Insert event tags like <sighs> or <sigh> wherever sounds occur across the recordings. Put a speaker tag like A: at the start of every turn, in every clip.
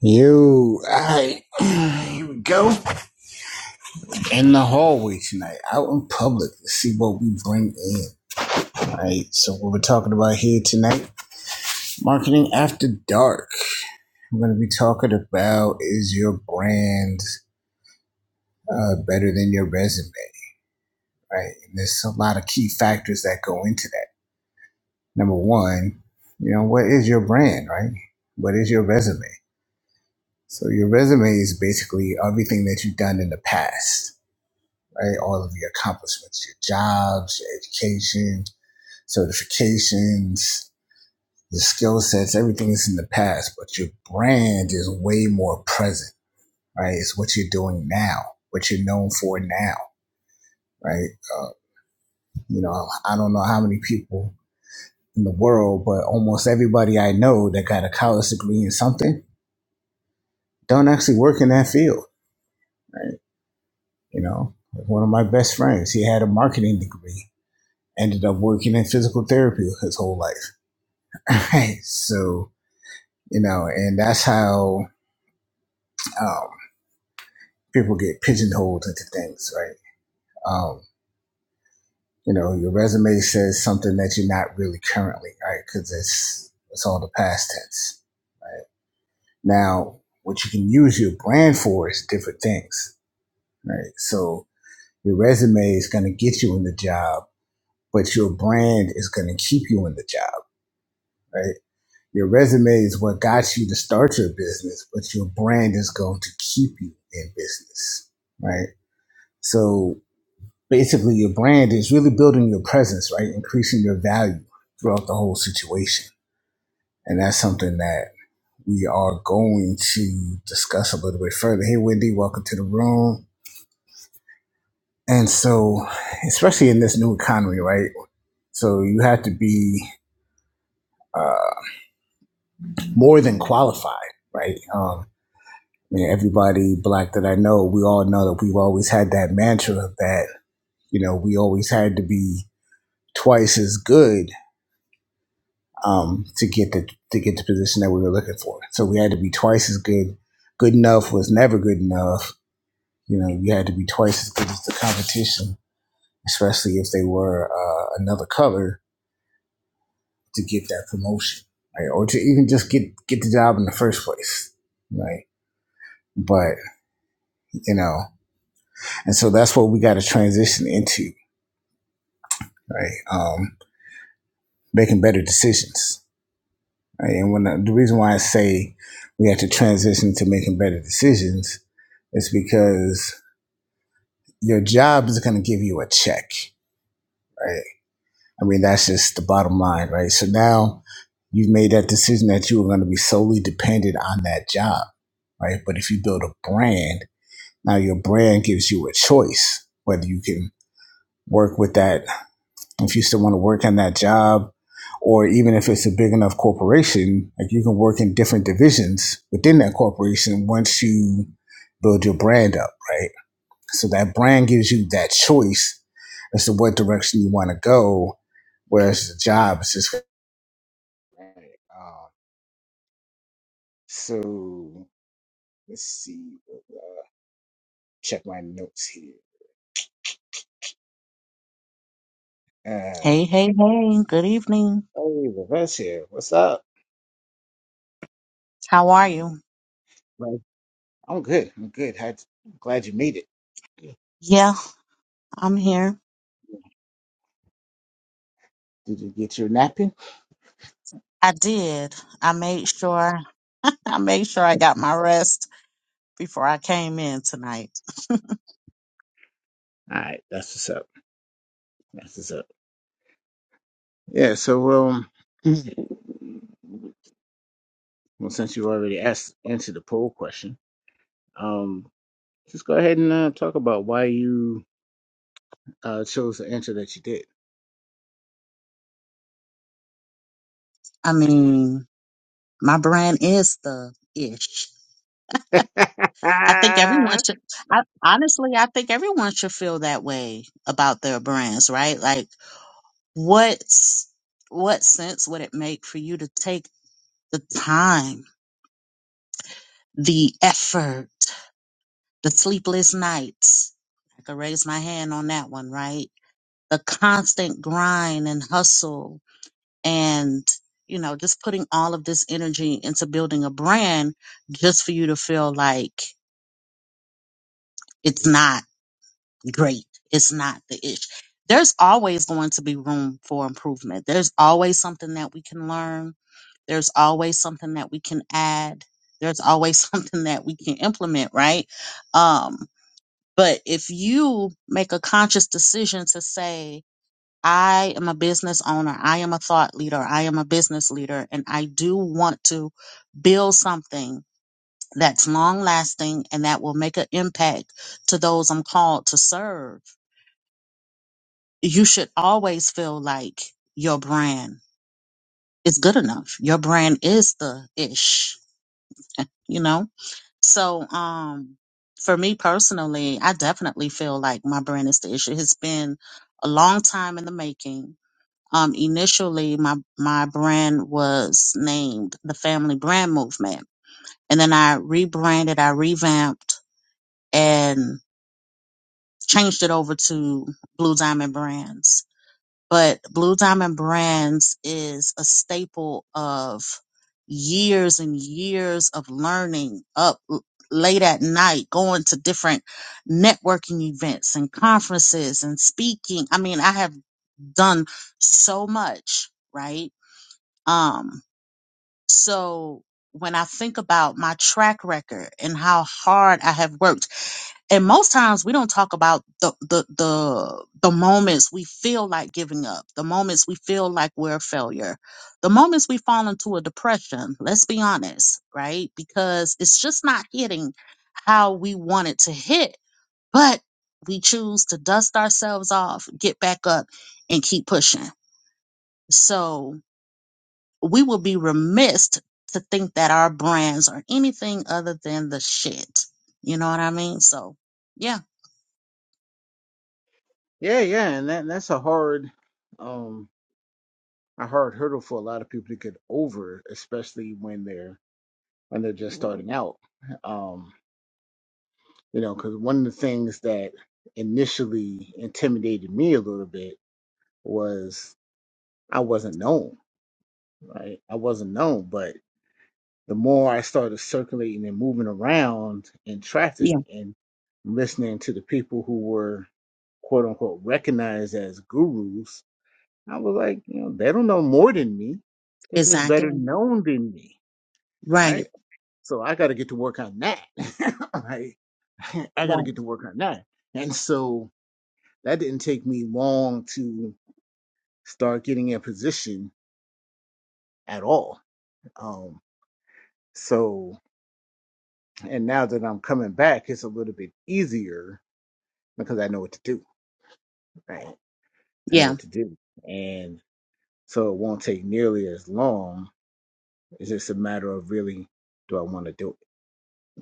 A: You, I, <clears throat> here we go. In the hallway tonight, out in public, to see what we bring in. All right, so what we're talking about here tonight, marketing after dark. I'm going to be talking about is your brand uh, better than your resume, right? And there's a lot of key factors that go into that. Number one, you know, what is your brand, right? What is your resume? So your resume is basically everything that you've done in the past right? All of your accomplishments, your jobs, your education, certifications, your skill sets, everything is in the past, but your brand is way more present, right? It's what you're doing now, what you're known for now, right? Uh, you know, I don't know how many people in the world, but almost everybody I know that got a college degree in something don't actually work in that field, right? You know, one of my best friends, he had a marketing degree, ended up working in physical therapy his whole life Right. So, you know, and that's how um, people get pigeonholed into things, right? Um, you know, your resume says something that you're not really currently, right? Because it's it's all the past tense, right? Now, what you can use your brand for is different things, right? So your resume is going to get you in the job, but your brand is going to keep you in the job, right? Your resume is what got you to start your business, but your brand is going to keep you in business, right? So basically, your brand is really building your presence, right? Increasing your value throughout the whole situation. And that's something that we are going to discuss a little bit further. Hey, Wendy, welcome to the room. And so, especially in this new economy, right? So you have to be uh, more than qualified, right? Um, I mean, everybody black that I know, we all know that we've always had that mantra that you know we always had to be twice as good um, to get the to get the position that we were looking for. So we had to be twice as good. Good enough was never good enough. You know, you had to be twice as good as the competition, especially if they were uh, another color to get that promotion, right? Or to even just get get the job in the first place, right? But you know, and so that's what we got to transition into right? Um, making better decisions. Right? And when the the reason why I say we have to transition to making better decisions is because your job is going to give you a check, right? I mean, that's just the bottom line, right? So now you've made that decision that you were going to be solely dependent on that job, right? But if you build a brand, now your brand gives you a choice whether you can work with that if you still want to work in that job, or even if it's a big enough corporation, like you can work in different divisions within that corporation once you build your brand up, right? So that brand gives you that choice as to what direction you want to go, whereas the job is just. Right. Um, so let's see. Check my notes here. Uh,
B: Hey, hey, hey, good evening.
A: hey, Reverse here. What's up?
B: How are you?
A: Right. I'm good. I'm good. How, glad you made it.
B: Yeah, I'm here.
A: Did you get your napkin?
B: I did. I made sure <laughs> I made sure I got my rest before I came in tonight.
A: All right, that's what's up. That's what's up. Yeah, so um, <clears throat> well, since you already asked answered the poll question, um, just go ahead and uh, talk about why you uh chose the answer that you did.
B: I mean, my brand is the ish.
A: <laughs> yeah,
B: I think everyone should I honestly I think everyone should feel that way about their brands, right? Like what's what sense would it make for you to take the time, the effort? the sleepless nights. I could raise my hand on that one, right? The constant grind and hustle and, you know, just putting all of this energy into building a brand just for you to feel like it's not great. It's not the ish. There's always going to be room for improvement. There's always something that we can learn. There's always something that we can add. There's always <laughs> something that we can implement, right? Um. But if you make a conscious decision to say, I am a business owner, I am a thought leader, I am a business leader, and I do want to build something that's long lasting and that will make an impact to those I'm called to serve, you should always feel like your brand is good enough. Your brand is the ish, <laughs> you know? So, um, for me personally, I definitely feel like my brand is the issue. It's been a long time in the making. Um, initially, my my brand was named the Family Brand Movement, and then I rebranded, I revamped, and changed it over to Blue Diamond Brands but Blue Diamond Brands is a staple of years and years of learning up l- late at night, going to different networking events and conferences and speaking. I mean, I have done so much, right? Um, so when I think about my track record and how hard I have worked, and most times we don't talk about the the the the moments we feel like giving up the moments we feel like we're a failure the moments we fall into a depression let's be honest right because it's just not hitting how we want it to hit but we choose to dust ourselves off get back up and keep pushing so we will be remiss to think that our brands are anything other than the shit you know what i mean so yeah
A: yeah, and that that's a hard um a hard hurdle for a lot of people to get over, especially when they're when they're just starting out. Um, you know, because one of the things that initially intimidated me a little bit was. I wasn't known, right? I wasn't known, but the more I started circulating and moving around in traffic and listening to the people who were quote unquote recognized as gurus, I was like, you know, they don't know more than me. They're just better
B: Exactly.
A: known than me,
B: Right.
A: right? So I got to get to work on that. <laughs> right? <laughs> I got to
B: Right.
A: get to work on that. And so that didn't take me long to start getting in position at all. Um, so And now that I'm coming back, it's a little bit easier because I know what to do, right? I know
B: Yeah.
A: what to do. And so it won't take nearly as long. It's just a matter of really, do I want to do it,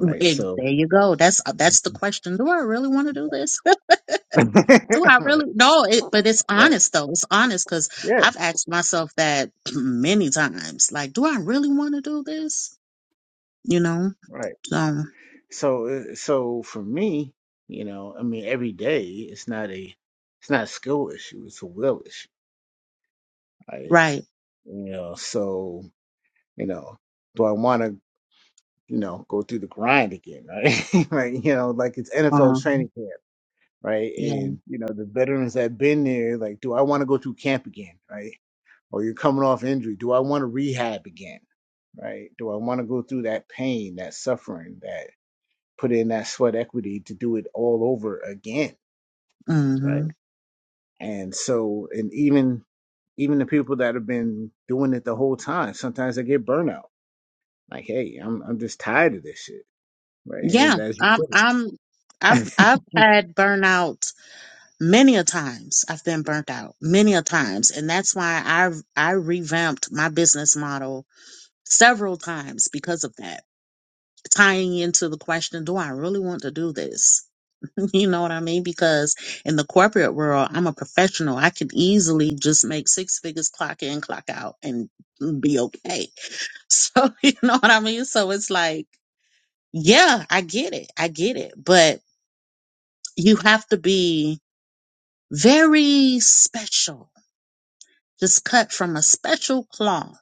A: right?
B: It,
A: So,
B: there you go. That's uh, that's the question. Do I really want to do this?
A: <laughs>
B: <laughs> do I
A: right,
B: really? No. It, but it's
A: right,
B: honest though. It's honest because
A: yeah,
B: I've asked myself that <clears throat> many times. Like, do I really want to do this? You know.
A: right.
B: So
A: So, uh, so for me, you know, I mean, every day it's not a, it's not a skill issue. It's a will issue, right?
B: right.
A: You know, so, you know, do I want to you know, go through the grind again, right? <laughs> like, you know, like it's NFL
B: Um,
A: training camp, right?
B: yeah.
A: And, you know, the veterans that been there, like, do I want to go through camp again, right? Or you're coming off injury. Do I want to rehab again, right? Do I want to go through that pain, that suffering, that put in that sweat equity to do it all over again,
B: hmm
A: right? And so, and even, even the people that have been doing it the whole time, sometimes they get burnout. Like, hey, I'm, I'm just tired of this shit, right?
B: Yeah.
A: And as you
B: I'm.
A: put it.
B: I'm. I've I've had burnout many a times. I've been burnt out many a times, and that's why I I revamped my business model several times because of that, tying into the question, do I really want to do this? <laughs> You know what I mean? Because in the corporate world, I'm a professional. I could easily just make six figures, clock in, clock out, and be okay. So, <laughs> you know what I mean? So it's like, yeah, I get it. I get it. But you have to be very special, just cut from a special cloth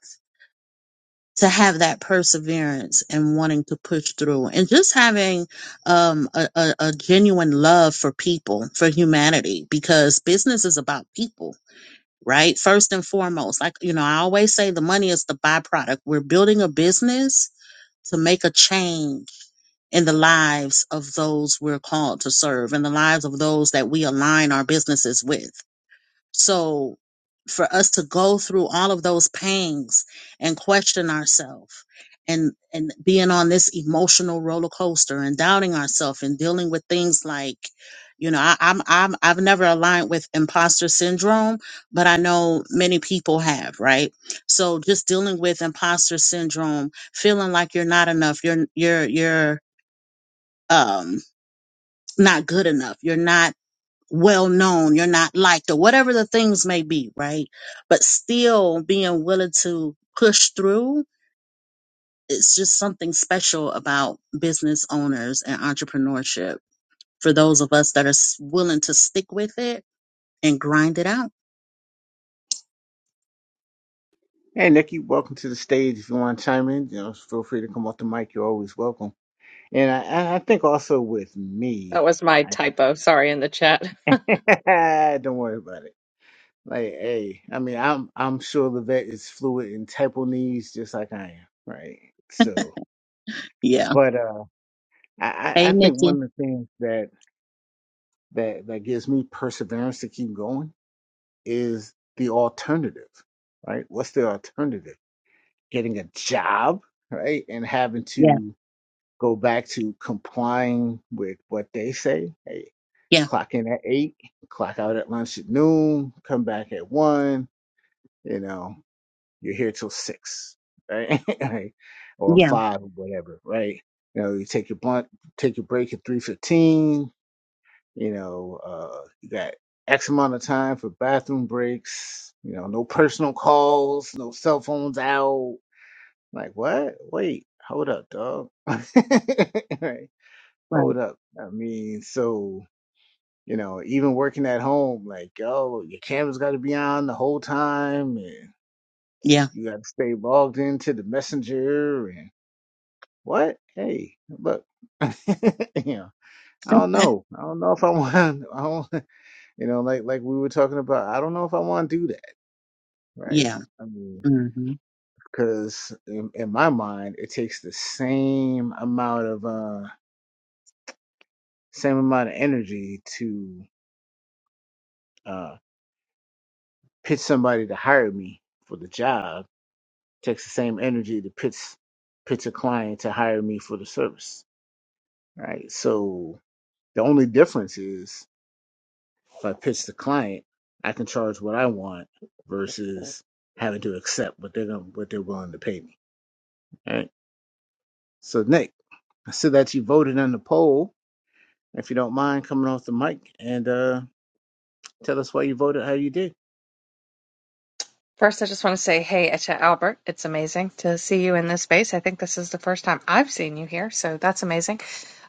B: to have that perseverance and wanting to push through and just having um, a, a, a genuine love for people for humanity because business is about people right first and foremost like you know i always say the money is the byproduct we're building a business to make a change in the lives of those we're called to serve in the lives of those that we align our businesses with so for us to go through all of those pangs and question ourselves and and being on this emotional roller coaster and doubting ourselves and dealing with things like you know I, I'm I'm I've never aligned with imposter syndrome, but I know many people have, right? So just dealing with imposter syndrome, feeling like you're not enough, you're you're you're um not good enough, you're not well known, you're not liked, or whatever the things may be, right? But still being willing to push through, it's just something special about business owners and entrepreneurship for those of us that are s- willing to stick with it and grind it out.
A: Hey, Nikki, welcome to the stage. If you want to chime in, you know, feel free to come off the mic. You're always welcome. And I, and I think also with me,
C: That was my typo. Sorry in the chat.
A: I, <laughs> don't worry about it. Like, hey, I mean, I'm I'm sure Levette is fluid in typo knees just like I am, right? So,
B: Yeah.
A: but uh, I I
B: Hey,
A: I think
B: Nikki.
A: one of the things that that that gives me perseverance to keep going is the alternative, right? What's the alternative? Getting a job, right, and having
B: Yeah.
A: to go back to complying with what they say. Hey,
B: Yeah.
A: clock in at eight, clock out at lunch at noon, come back at one, you know, you're here till six, right? <laughs> Like, or
B: Yeah.
A: five or whatever, right? You know, you take your blunt, take your break at three fifteen, you know, uh you got X amount of time for bathroom breaks, you know, no personal calls, no cell phones out. Like what? Wait, hold up, dog. <laughs> Right.
B: Right.
A: Hold up. I mean, so, you know, even working at home, like, oh, your camera's got to be on the whole time and
B: Yeah.
A: you got to stay logged into the messenger and what? Hey, look, <laughs> you know, I don't
B: <laughs>
A: know. I don't know if I <laughs> want, I don't, you know, like, like we were talking about, I don't know if I want to do that, right?
B: Yeah.
A: I mean,
B: hmm
A: because in, in my mind, it takes the same amount of, uh, same amount of energy to, uh. pitch somebody to hire me for the job takes the same energy to pitch pitch a client to hire me for the service. Right. So the only difference is if I pitch the client, I can charge what I want versus having to accept what they're gonna, what they're willing to pay me. Right. So Nick, I see that you voted on the poll. If you don't mind coming off the mic and uh, tell us why you voted, how you did.
C: First, I just want to say, hey, Etcha Albert, it's amazing to see you in this space. I think this is the first time I've seen you here, so that's amazing.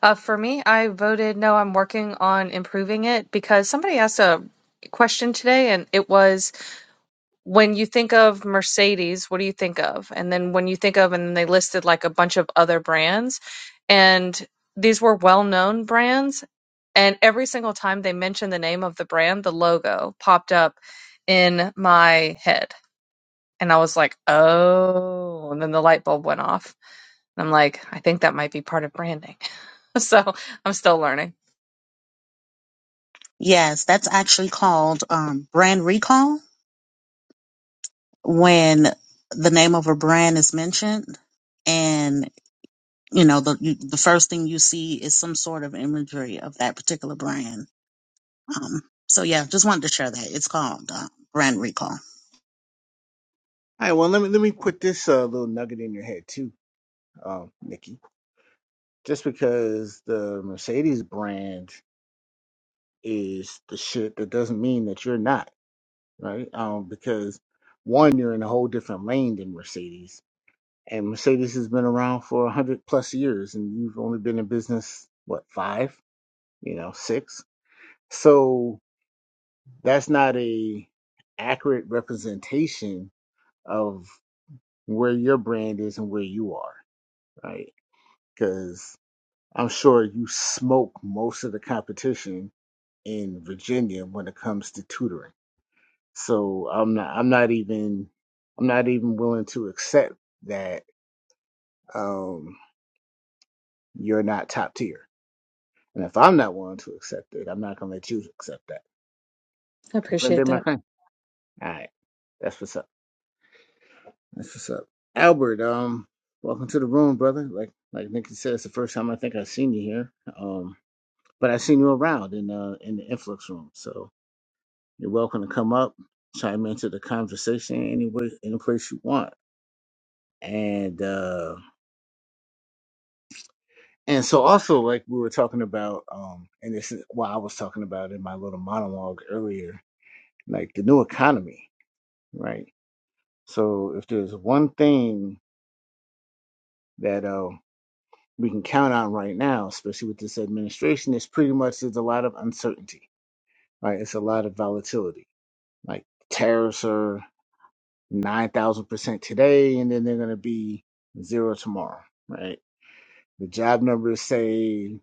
C: Uh, for me, I voted no, I'm working on improving it because somebody asked a question today, and it was when you think of Mercedes, what do you think of? And then when you think of, and they listed like a bunch of other brands, and these were well known brands. And every single time they mentioned the name of the brand, the logo popped up in my head. And I was like, oh. And then the light bulb went off. And I'm like, I think that might be part of branding. <laughs> so I'm still learning.
B: Yes, that's actually called um, brand recall when the name of a brand is mentioned you know the you, the first thing you see is some sort of imagery of that particular brand um so yeah just wanted to share that it's called uh, brand recall
A: All right. Well, let me let me put this uh, little nugget in your head too, um, Nikki. Just because the Mercedes brand is the shit, that doesn't mean that you're not, right? Um, because one, you're in a whole different lane than Mercedes, and Mercedes has been around for a hundred plus years, and you've only been in business what five, you know, six. So that's not a accurate representation of where your brand is and where you are, right? Because I'm sure you smoke most of the competition in Virginia when it comes to tutoring. So I'm not I'm not even I'm not even willing to accept that um, you're not top tier. And if I'm not willing to accept it, I'm not gonna let you accept that.
C: I appreciate
A: Comprende, my
C: that.
A: friend? All right, that's what's up. That's what's up. Albert, um, welcome to the room, brother. Like like Nikki said, it's the first time I think I've seen you here. Um, but I've seen you around in uh in the influx room, so you're welcome to come up, chime into the conversation any way, any place you want and uh and so also like we were talking about um and this is what i was talking about in my little monologue earlier like the new economy right so if there's one thing that uh we can count on right now especially with this administration it's pretty much there's a lot of uncertainty right it's a lot of volatility like tariffs are 9000% today and then they're going to be zero tomorrow right The job numbers say, <laughs>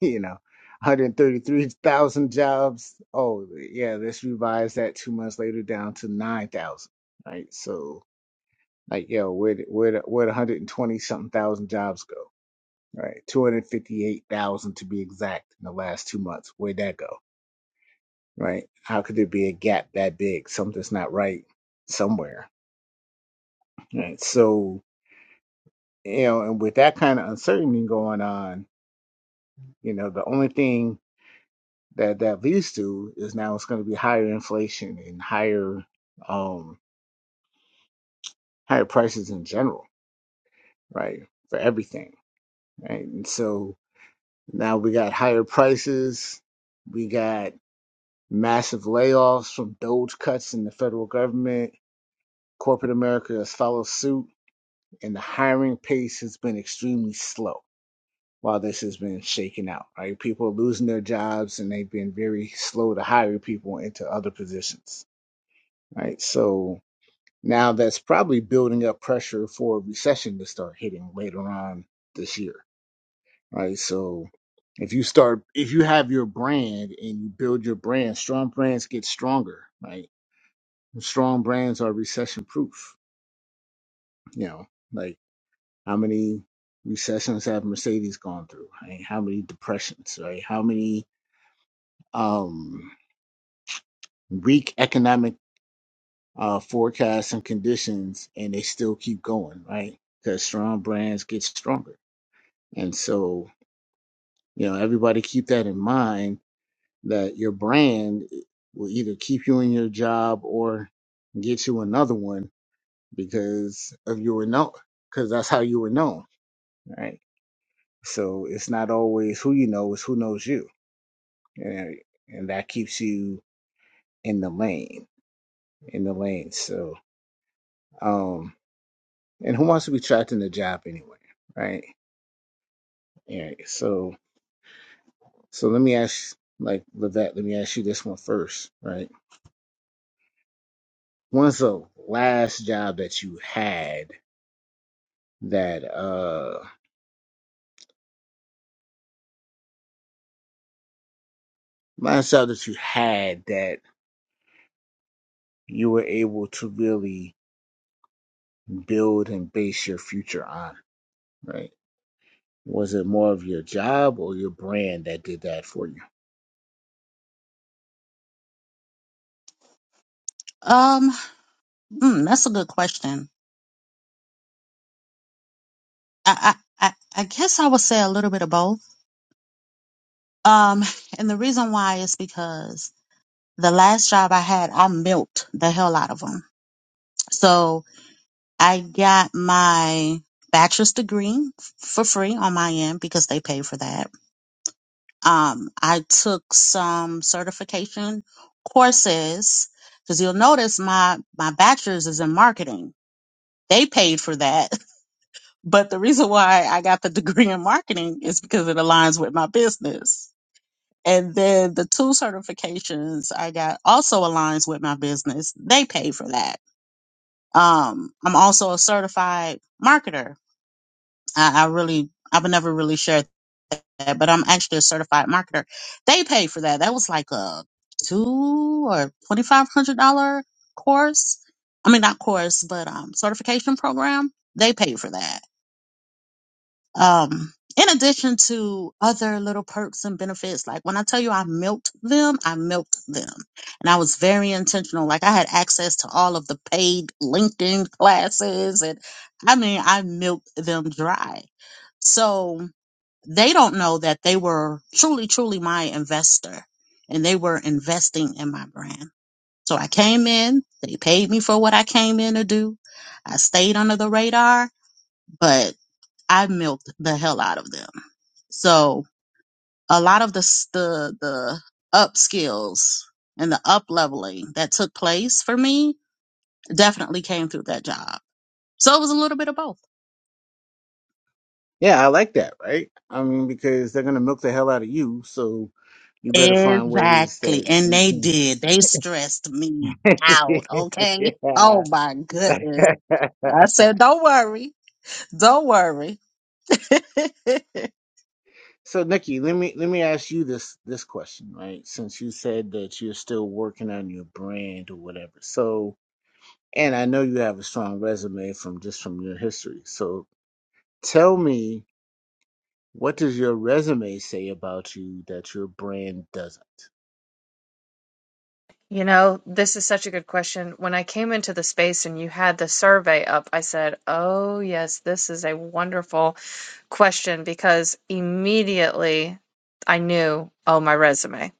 A: you know, 133,000 jobs. Oh, yeah, let's revise that two months later down to 9,000, right? So, like, yo, where did- where did- where 120 something thousand jobs go, right? 258,000 to be exact in the last two months. Where'd that go, right? How could there be a gap that big? Something's not right somewhere, right? So, you know, and with that kind of uncertainty going on, you know, the only thing that that leads to is now it's going to be higher inflation and higher um higher prices in general right for everything right and so now we got higher prices we got massive layoffs from doge cuts in the federal government corporate america has followed suit and the hiring pace has been extremely slow while this has been shaken out right people are losing their jobs and they've been very slow to hire people into other positions right so Now that's probably building up pressure for a recession to start hitting later on this year, right? So if you start, if you have your brand and you build your brand, strong brands get stronger, right? Strong brands are recession proof, you know, like how many recessions have Mercedes gone through, right? How many depressions, right? How many, um, weak economic uh, forecasts and conditions and they still keep going, right? Because strong brands get stronger And so, you know, everybody keep that in mind that your brand eh, will either keep you in your job or get you another one because of you were known, because that's how you were known, right? So it's not always who you know, it's who knows you. And, and that keeps you in the lane, in the lane. So, um, and who wants to be trapped in the job anyway, right? All right. So, so let me ask, like, Levette, let me ask you this one first, right? When's the last job that you had that uh last job that you had that you were able to really build and base your future on, right? Was it more of your job or your brand that did that for you?
B: um mm, that's a good question I, I i i guess i would say a little bit of both um <laughs> and the reason why is because the last job i had i milked the hell out of them so i got my bachelor's degree f- for free on my end because they pay for that Um, I took some certification courses because you'll notice my my bachelor's is in marketing. They paid for that, <laughs> but the reason why I got the degree in marketing is because it aligns with my business. And then the two certifications I got also aligns with my business. They paid for that. Um, I'm also a certified marketer. I, I really I've never really shared that, but I'm actually a certified marketer. They paid for that. That was like a two or twenty five hundred dollar course. I mean, not course, but um, certification program. They paid for that. Um, in addition to other little perks and benefits, like when I tell you I milked them, I milked them, and I was very intentional. Like I had access to all of the paid LinkedIn classes, and I mean, I milked them dry. So they don't know that they were truly, truly my investor and they were investing in my brand. So I came in, they paid me for what I came in to do. I stayed under the radar, but I milked the hell out of them. So a lot of the, s- the, the up skills and the up leveling that took place for me definitely came through that job. So it was a little bit of both.
A: Yeah, I like that, right? I mean, because they're gonna milk the hell out of you, so you better find ways
B: Exactly.
A: that
B: And
A: you
B: they
A: can.
B: did. They stressed me
A: <laughs>
B: out. Okay.
A: yeah.
B: Oh my goodness.
A: <laughs>
B: I said, don't worry. Don't worry. <laughs> but
A: So Nikki, let me let me ask you this this question, right? Since you said that you're still working on your brand or whatever. So, and I know you have a strong resume from just from your history. So, tell me, what does your resume say about you that your brand doesn't?
C: You know, this is such a good question. When I came into the space and you had the survey up, I said, Oh, yes, this is a wonderful question because immediately I knew, oh, my resume.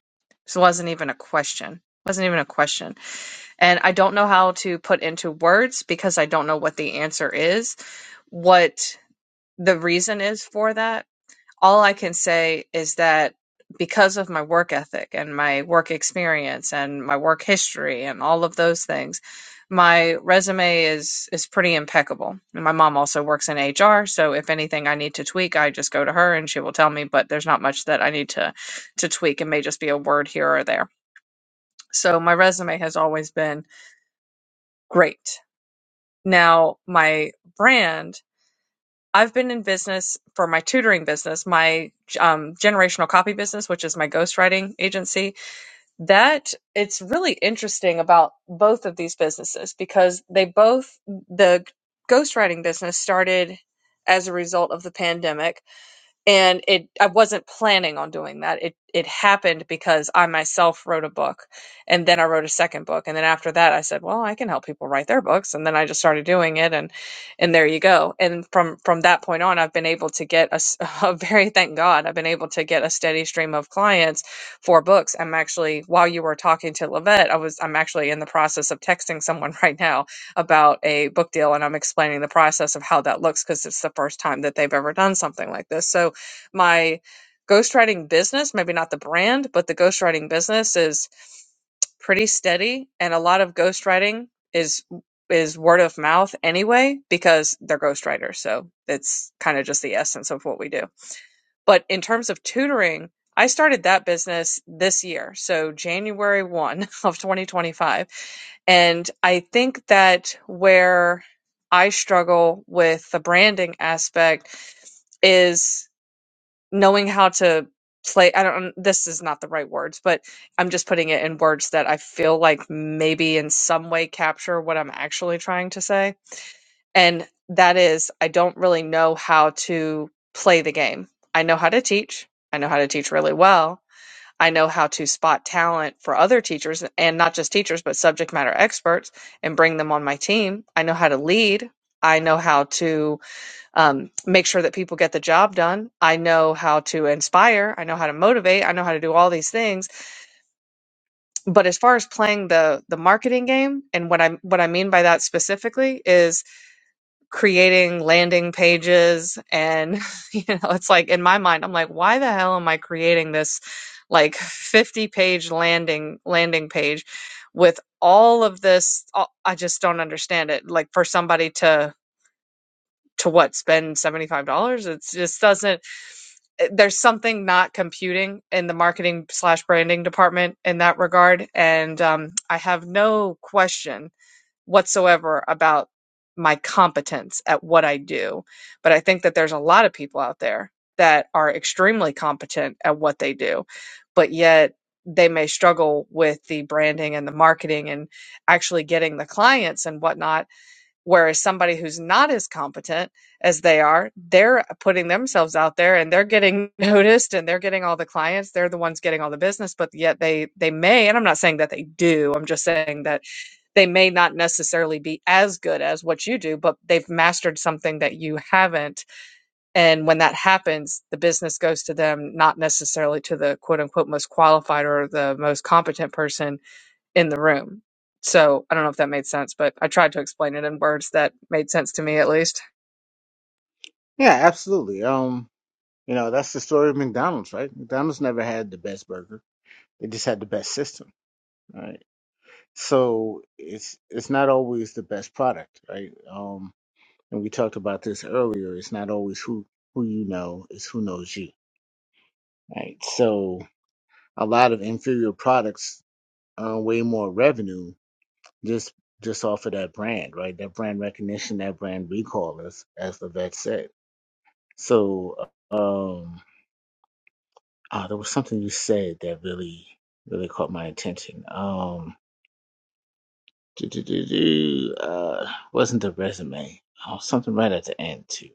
C: So it wasn't even a question. Wasn't even a question. And I don't know how to put into words because I don't know what the answer is, what the reason is for that all I can say is that because of my work ethic and my work experience and my work history and all of those things, my resume is is pretty impeccable. And my mom also works in HR, so if anything I need to tweak, I just go to her and she will tell me, but there's not much that I need to to tweak. It may just be a word here or there. So my resume has always been great. Now, my brand I've been in business for my tutoring business, my um, generational copy business, which is my ghostwriting agency. That it's really interesting about both of these businesses because they both, the ghostwriting business started as a result of the pandemic and it I wasn't planning on doing that. It it happened because I myself wrote a book and then I wrote a second book and then after that I said, well, I can help people write their books and then I just started doing it and and there you go. And from from that point on I've been able to get a, s- <laughs> a very thank God I've been able to get a steady stream of clients for books. I'm actually while you were talking to Lavette, I was I'm actually in the process of texting someone <laughs> right now about a book deal and I'm explaining the process of how that looks because it's the first time that they've ever done something like this. So my ghostwriting business, maybe not the brand, but the ghostwriting business is pretty steady and a lot of ghostwriting is is word of mouth anyway because they're ghostwriters so it's kind of just the essence of what we do but in terms of tutoring i started that business this year so january 1 <laughs> of 2025 and i think that where i struggle with the branding aspect is knowing how to play i don't this is not the right words but i'm just putting it in words that i feel like maybe in some way capture what i'm actually trying to say and that is i don't really know how to play the game i know how to teach i know how to teach really well i know how to spot talent for other teachers and not just teachers but subject matter experts and bring them on my team i know how to lead i know how to um, make sure that people get the job done. I know how to inspire. I know how to motivate. I know how to do all these things. But as far as playing the the marketing game, and what I what I mean by that specifically is creating landing pages, and <laughs> you know, it's like in my mind, I'm like, why the hell am I creating this like 50 page landing landing page with all of this? all- I just don't understand it. Like for somebody to to what spend $75 It just doesn't eh, there's something not computing in the marketing slash branding department in that regard. And um, I have no question whatsoever about my competence at what I do. But I think that there's a lot of people out there that are extremely competent at what they do, but yet they may struggle with the branding and the marketing and actually getting the clients and whatnot Whereas somebody who's not as competent as they are, they're putting themselves out there and they're getting <laughs> noticed and they're getting all the clients. They're the ones getting all the business, but yet they they may, and I'm not saying that they do. I'm just saying that they may not necessarily be as good as what you do, but they've mastered something that you haven't. And when that happens, the business goes to them, not necessarily to the quote unquote most qualified or the most competent person in the room. So I don't know if that made sense, but I tried to explain it in words that made sense to me at least.
A: Yeah, absolutely. Um, you know, that's the story of McDonald's, right? McDonald's never had the best burger. They just had the best system, right? So, it's it's not always the best product, right? Um and we talked about this earlier, it's not always who who you know, it's who knows you, right? So a lot of inferior products earn way more revenue just just off of that brand, right? That brand recognition, that brand recall, as as the vet said. So um, ah, there was something you said that really really caught my attention. Um, do, do, do, do, uh, wasn't the resume? Oh, something right at the end too.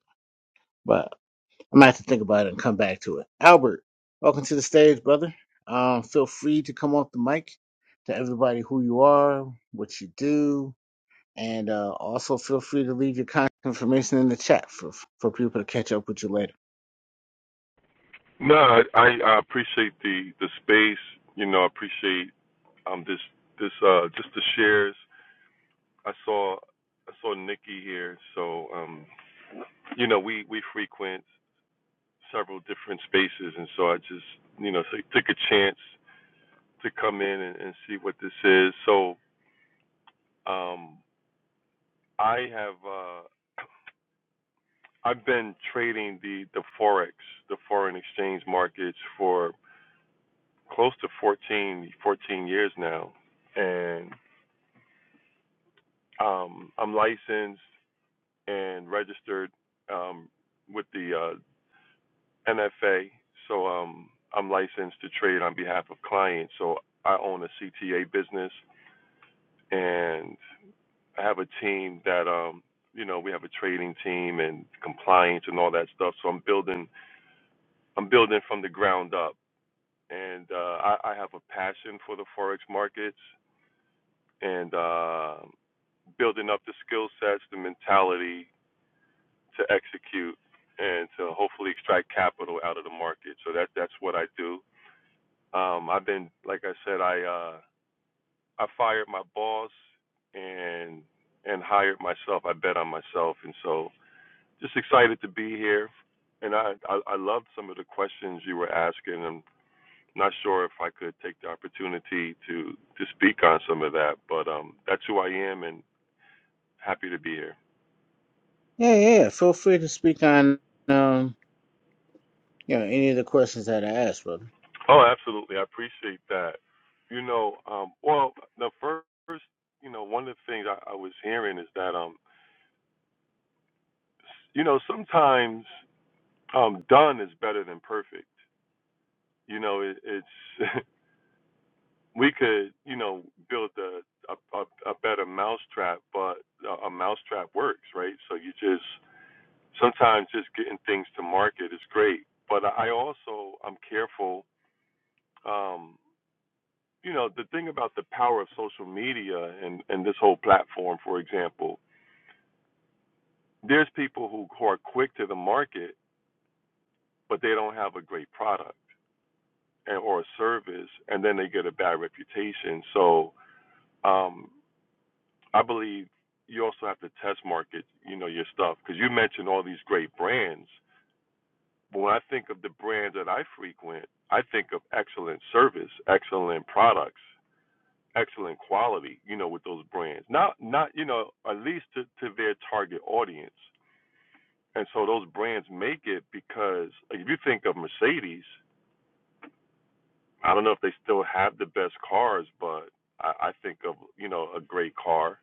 A: I might have to think about it and come back to it. Albert, welcome to the stage, brother. Um, feel free to come off the mic to everybody who you are, what you do, and uh, also feel free to leave your contact information in the chat for for people to catch up with you later.
D: No, I, I appreciate the the space. You know, I appreciate um this this uh just the shares. I saw I saw Nikki here, so um you know we we frequent several different spaces, and so I just you know so took a chance to come in and, and see what this is. So um I have uh I've been trading the the forex the foreign exchange markets for close to 14 14 years now, and Um, I'm licensed and registered um, with the uh, NFA, so um, I'm licensed to trade on behalf of clients. So I own a CTA business, and I have a team that, um, you know, we have a trading team and compliance and all that stuff. So I'm building, I'm building from the ground up, and uh, I, I have a passion for the forex markets, and uh, building up the skill sets, the mentality, to execute and to hopefully extract capital out of the market. So that that's what I do. Um, I've been, like I said, I uh, I fired my boss and and hired myself. I bet on myself, and so just excited to be here. And I I, I loved some of the questions you were asking. I'm not sure if I could take the opportunity to to speak on some of that, but um, that's who I am, and happy to be here.
A: Yeah, yeah. yeah, Feel free to speak on um, you know any of the questions that I asked, brother.
D: Oh, absolutely. I appreciate that. You know, um, well, the first, you know, one of the things I, I was hearing is that, um, you know, sometimes um, done is better than perfect. You know, it, it's <laughs> we could, you know, build a a, a, a better mousetrap, but a, a mousetrap works, right? So you just sometimes just getting things to market is great, but I also I'm careful. Um, you know the thing about the power of social media and and this whole platform for example there's people who, who are quick to the market but they don't have a great product and, or a service and then they get a bad reputation so um i believe you also have to test market you know your stuff because you mentioned all these great brands but when i think of the brands that i frequent i think of excellent service excellent products excellent quality, you know, with those brands. Not not, you know, at least to, to their target audience. And so those brands make it because like, if you think of Mercedes, I don't know if they still have the best cars, but I, I think of, you know, a great car.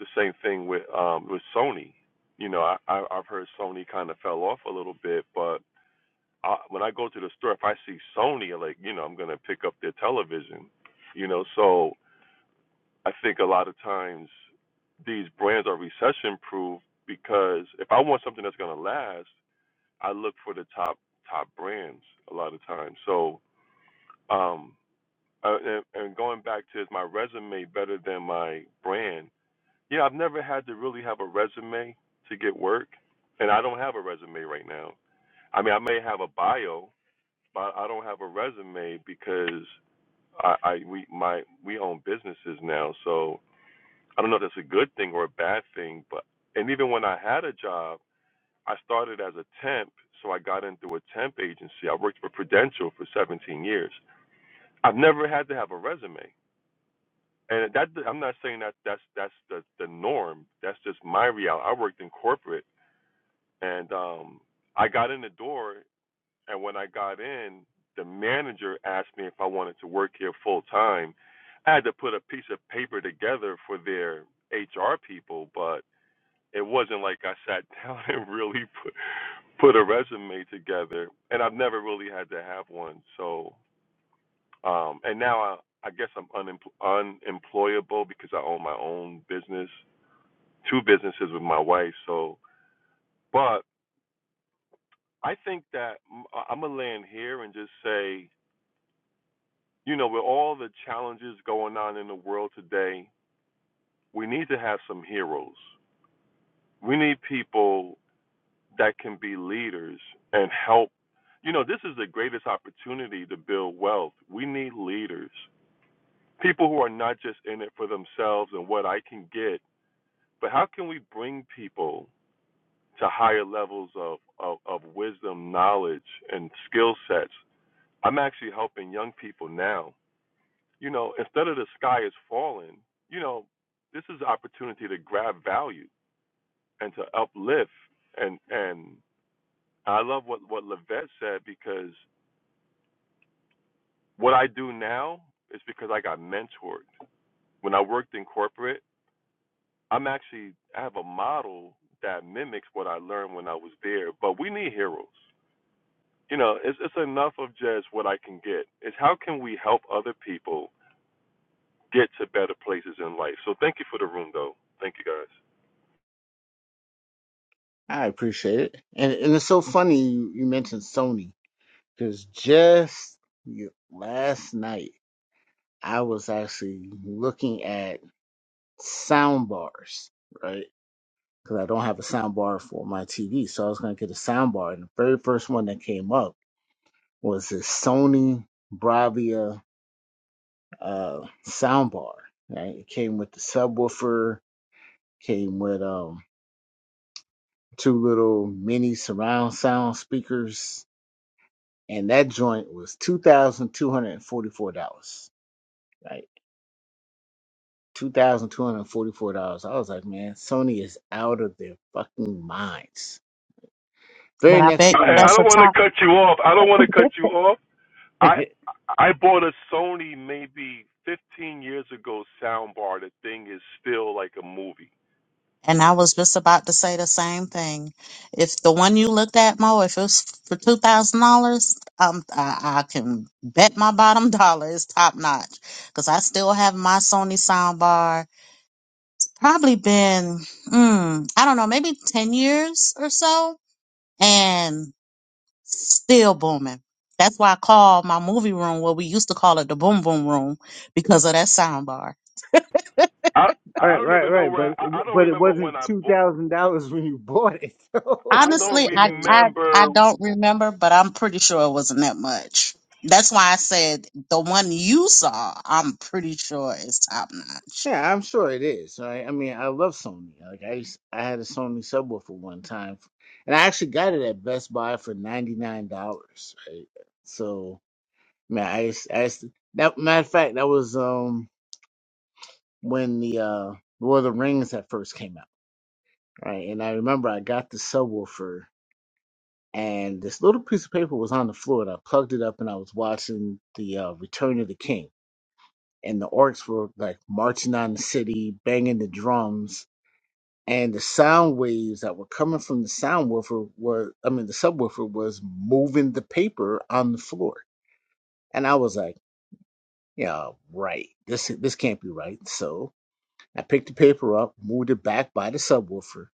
D: The same thing with um with Sony. You know, I, I I've heard Sony kind of fell off a little bit, but I, when I go to the store, if I see Sony, like you know, I'm gonna pick up their television. You know, so I think a lot of times these brands are recession proof because if I want something that's going to last, I look for the top top brands a lot of times. So, um, uh, and, and going back to is my resume better than my brand? Yeah, I've never had to really have a resume to get work, and I don't have a resume right now. I mean, I may have a bio, but I don't have a resume because I, I we my we own businesses now, so I don't know if that's a good thing or a bad thing, but and even when I had a job, I started as a temp, so I got in through a temp agency. I worked for Prudential for 17 years. I've never had to have a resume, and that I'm not saying that that's that's the the norm. That's just my reality. I worked in corporate, and um, I got in the door, and when I got in, the manager asked me if I wanted to work here full time. I had to put a piece of paper together for their HR people, but it wasn't like I sat down <laughs> and really put put a resume together, and I've never really had to have one. So, um, and now I, I guess I'm unempl- unemployable because I own my own business, two businesses with my wife. So, but I think that m- I'm gonna land here and just say, you know, with all the challenges going on in the world today, we need to have some heroes. We need people that can be leaders and help. You know, this is the greatest opportunity to build wealth. We need leaders, people who are not just in it for themselves and what I can get, but how can we bring people to higher levels of, of, of wisdom, knowledge, and skill sets? I'm actually helping young people now. You know, instead of the sky is falling, you know, this is an opportunity to grab value and to uplift and and I love what what Levette said because What I do now is because I got mentored. When I worked in corporate, I'm actually I have a model that mimics what I learned when I was there. But we need heroes. You know, it's it's enough of just what I can get. It's how can we help other people get to better places in life. So thank you for the room, though. Thank you guys.
A: I appreciate it, and and it's so funny you, you mentioned Sony because just y- last night I was actually looking at sound bars, right? Because I don't have a sound bar for my TV, so I was gonna get a sound bar. And the very first one that came up was this Sony Bravia uh, sound bar. Right? It came with the subwoofer, came with um, two little mini surround sound speakers, and that joint was two thousand two hundred and forty-four dollars. Right? Two thousand two hundred and forty-four dollars. I was like, man, Sony is out of their fucking minds. Very
B: I
A: next
B: bet
D: I, I
A: morning.
B: that's
D: don't
B: a
D: want
B: top.
D: to cut you off. I don't want to cut you off. I
A: <laughs>
D: I bought a Sony maybe 15 years ago soundbar. The thing is still like a movie.
B: And I was just about to say the same thing. If the one you looked at, Mo, if it's for two thousand dollars, um, I, I can bet my bottom <laughs> dollar is top notch because I still have my Sony soundbar. Probably been, mm, I don't know, maybe ten years or so and still booming. That's why I call my movie room what we used to call it the boom boom room because of that sound bar.
D: I I
A: Right,
D: don't
A: right,
D: even know
A: right. But
D: where
A: it,
D: I, I
A: w-
D: don't
A: but it
D: remember
A: wasn't
D: when I
A: two
D: bought.
A: thousand dollars <laughs> when you bought it, <laughs> so
D: I don't
A: right.
B: Honestly,
A: I
B: I,
A: mean,
B: I I
D: remember
B: don't
A: Mhm.
B: remember, but I'm pretty sure it wasn't that much. That's why I said the one you saw, I'm pretty sure is top notch.
A: yeah, I'm sure it is. Right. I mean, I love Sony. Like I used, I had a Sony subwoofer one time, and I actually got it at Best Buy for ninety nine dollars. Right. So man, I used, I used to, that matter of fact, that was um when the uh Lord of the Rings that first came out. Right. And I remember I got the subwoofer. and this little piece of paper was on the floor and I plugged it up and I was watching the uh, Return of the King. And the orcs were like marching on the city, banging the drums, and the sound waves that were coming from the sound woofer were I mean the subwoofer was moving the paper on the floor. And I was like, Yeah, right. This this can't be right. So I picked the paper up, moved it back by the subwoofer,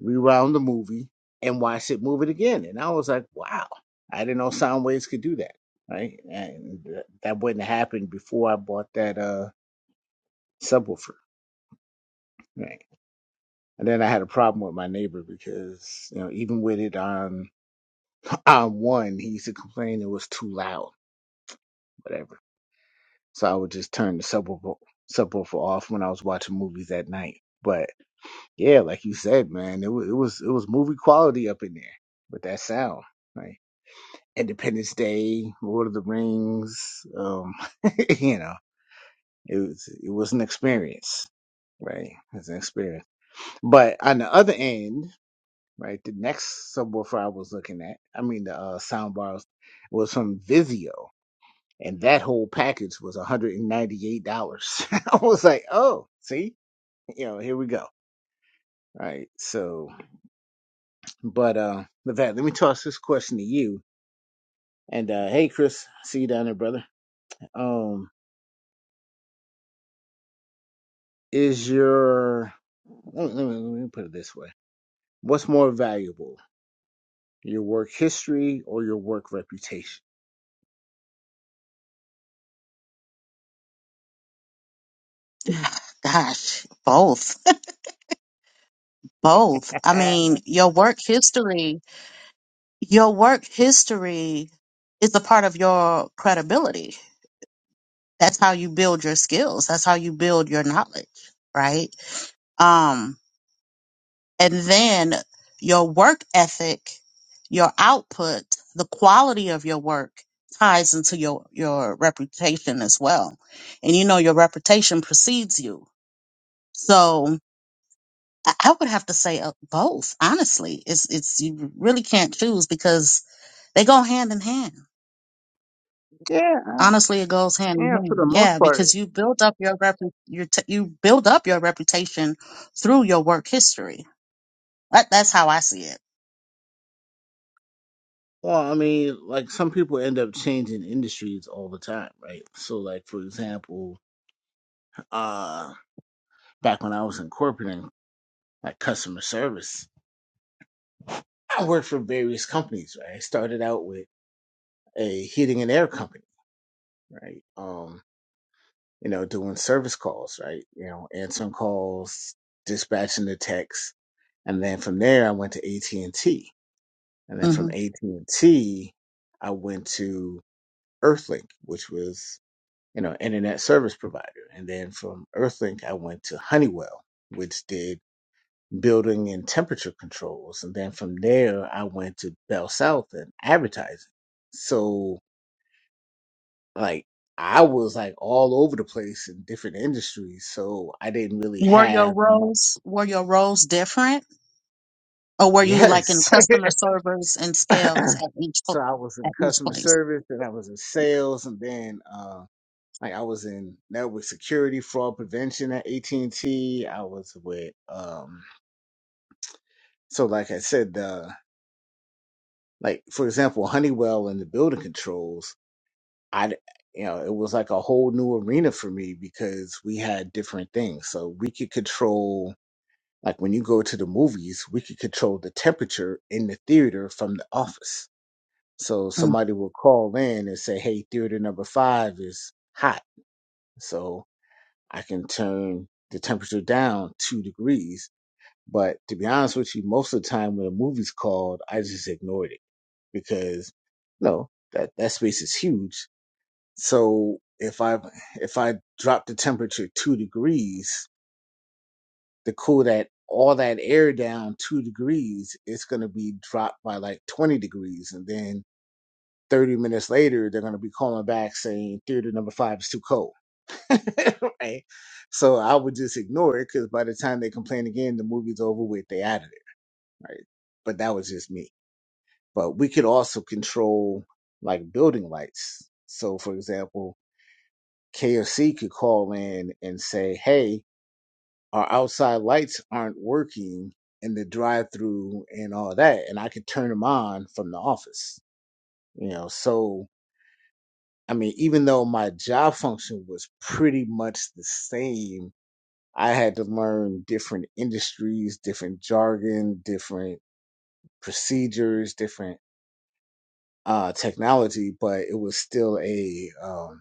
A: rewound the movie and watched it move it again. And I was like, wow, I didn't know sound waves could do that. Right. And th- that wouldn't have happened before I bought that uh subwoofer. Right. And then I had a problem with my neighbor because, you know, even with it on <clears throat> on one, he used to complain it was too loud, whatever. So I would just turn the subwoofer subwoofer off when I was watching movies at night. But yeah, like you said, man, it was it was it was movie quality up in there with that sound. Right Independence Day, Lord of the Rings. Um, <laughs> you know, it was it was an experience, right? It was an experience. But on the other end, right, the next subwoofer I was looking at, I mean the uh, soundbar was, was from Vizio, and that whole package was one hundred and ninety eight dollars. <laughs> I was like, oh, see, you know, here we go. Right. So, but uh, Levat, let me toss this question to you. And uh, hey, Chris, see you down there, brother. Um, is your let me, let me let me put it this way what's more valuable your work history or your work reputation
B: <sighs> Gosh, both. Both. I mean, your work history, your work history is a part of your credibility that's how you build your skills that's how you build your knowledge right um and then your work ethic your output the quality of your work ties into your your reputation as well and you know your reputation precedes you so i I would have to say uh, both honestly it's it's you really can't choose because they go hand in hand
A: yeah I-
B: Honestly, it goes hand in
A: yeah for
B: hand.
A: the most
B: Yeah,
A: part
B: because you build up your rep, your t- you build up your reputation through your work history. That, that's how I see it.
A: well i mean like some people end up changing industries all the time right so like for example uh back when i was in corporate and like customer service i worked for various companies right i started out with a heating and air company right um you know, doing service calls, right? You know, answering calls, dispatching the texts, and then from there I went to AT and T, and then from
B: hmm
A: AT and T I went to Earthlink, which was you know internet service provider, and then from Earthlink I went to Honeywell, which did building and temperature controls, and then from there I went to Bell South and advertising. So like I was like all over the place in different industries, so I didn't really
B: Were your
A: have much.
B: roles were your roles different, or were you like in
A: Yes.
B: customer service and
A: <laughs>
B: scales at each
A: so
B: pl-
A: I was in
B: at each
A: customer
B: place?
A: service, and I was in sales, and then uh, like I was in network security, fraud prevention at AT and T. I was with um, so like I said, uh, like for example, Honeywell and the building controls. I d- you know it was like a whole new arena for me because we had different things, so we could control Like when you go to the movies, we could control the temperature in the theater from the office. So
B: Mm.
A: somebody will call in and say, hey, theater number five is hot. So I can turn the temperature down two degrees. But to be honest with you, most of the time when a movie's called, I just ignored it because no, that, that space is huge. So if I if I drop the temperature two degrees, to cool that all that air down two degrees, it's going to be dropped by like 20 degrees. And then 30 minutes later, they're going to be calling back saying theater number five is too cold. <laughs> right? So I would just ignore it because by the time they complain again, the movie's over with, they out of it. Right. But that was just me. But we could also control like building lights. So for example, KFC could call in and say, hey, our outside lights aren't working in the drive through and all that and i could turn them on from the office you know so i mean even though my job function was pretty much the same i had to learn different industries different jargon different procedures different uh technology but it was still a um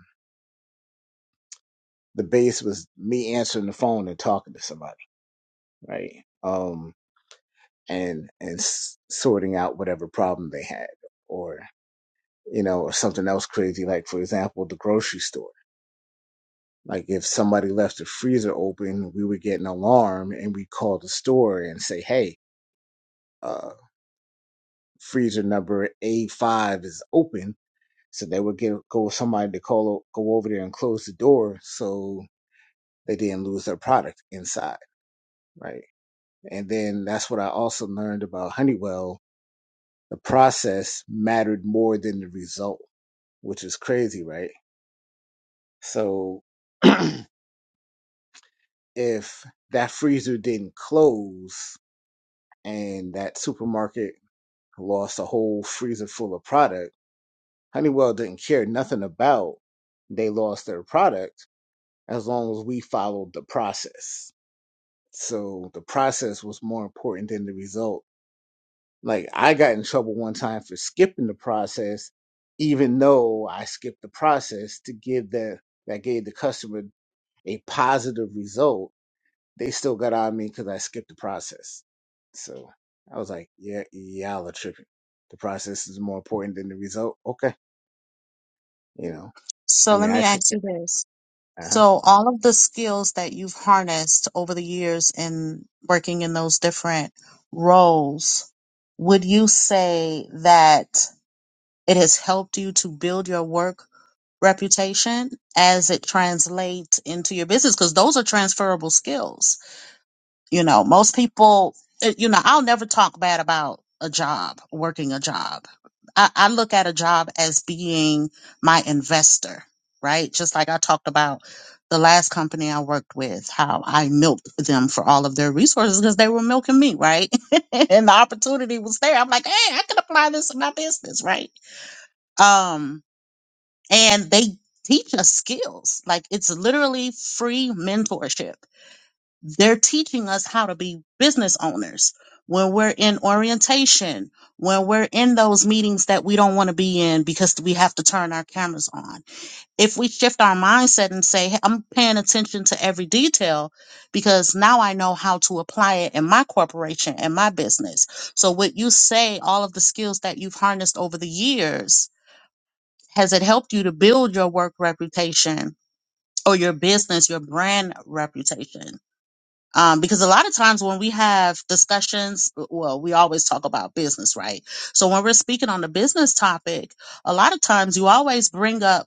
A: the base was me answering the phone and talking to somebody right um and and s- sorting out whatever problem they had or you know or something else crazy like for example the grocery store like if somebody left the freezer open we would get an alarm and we call the store and say hey uh freezer number a5 is open so they would get go with somebody to call go over there and close the door so they didn't lose their product inside right and then that's what i also learned about honeywell the process mattered more than the result which is crazy, right? So <clears throat> if that freezer didn't close and that supermarket lost a whole freezer full of product, Honeywell didn't care nothing about they lost their product as long as we followed the process. So the process was more important than the result. Like I got in trouble one time for skipping the process, even though I skipped the process to give the that gave the customer a positive result They still got on me because I skipped the process. So I was like, yeah, y'all are tripping. The process is more important than the result. Okay. You know, I
B: So let
A: mean, I
B: me
A: actually,
B: ask you this.
A: uh-huh.
B: So all of the skills that you've harnessed over the years in working in those different roles, would you say that It has helped you to build your work reputation as it translates into your business because those are transferable skills. You know, most people, eh, you know, I'll never talk bad about a job, working a job. I, I look at a job as being my investor, right? Just like I talked about the last company I worked with, how I milked them for all of their resources because they were milking me, right? <laughs> and the opportunity was there. I'm like, hey, I can apply this in my business, right? Um, and they teach us skills. Like it's literally free mentorship. They're teaching us how to be business owners when we're in orientation, when we're in those meetings that we don't want to be in because we have to turn our cameras on. If we shift our mindset and say, "Hey, I'm paying attention to every detail because now I know how to apply it in my corporation and my business. So what you say, all of the skills that you've harnessed over the years, has it helped you to build your work reputation or your business, your brand reputation? Um, because a lot of times when we have discussions, well, we always talk about business, right? So when we're speaking on the business topic, a lot of times you always bring up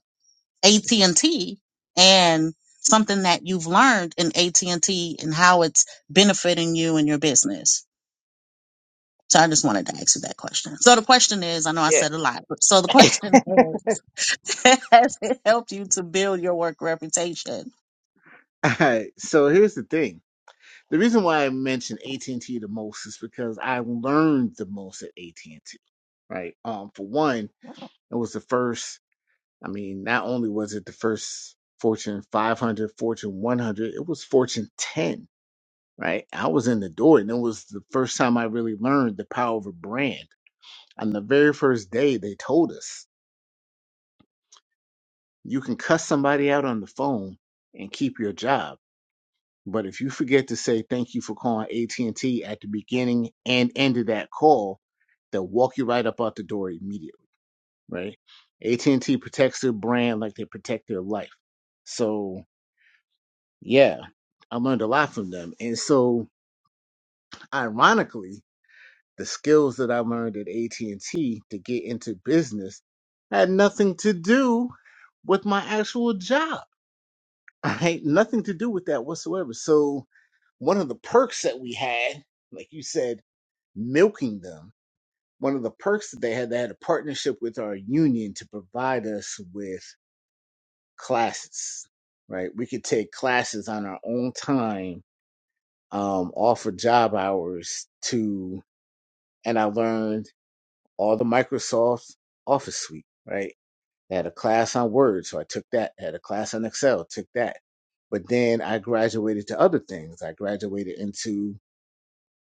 B: AT&T and T and something that you've learned in AT&T and T and how it's benefiting you and your business. So I just wanted to ask you that question. So the question is, I know I
A: Yeah.
B: said a lot, but so the <laughs> question is, <laughs> Has it helped you to build your work reputation?
A: <laughs> Alright, so here's the thing. The reason why I mentioned AT&T the most is because I learned the most at AT&T, right? Um, for one, it was the first, I mean, not only was it the first Fortune 500, Fortune 100, it was Fortune 10 right? I was in the door, and it was the first time I really learned the power of a brand. On the very first day, they told us you can cuss somebody out on the phone and keep your job, but if you forget to say thank you for calling AT and T at the beginning and end of that call, they'll walk you right up out the door immediately, right? AT and T protects their brand like they protect their life. So yeah, I learned a lot from them, and so ironically. the skills that I learned at AT&T to get into business had nothing to do with my actual job. <laughs> I Right? Nothing to do with that whatsoever. So one of the perks that we had, like you said, milking them, one of the perks that they had, they had a partnership with our union to provide us with classes, right? We could take classes on our own time, um, offer job hours to, and I learned all the Microsoft Office suite, right? I had a class on Word, so I took that. I had a class on Excel, took that. But then I graduated to other things. I graduated into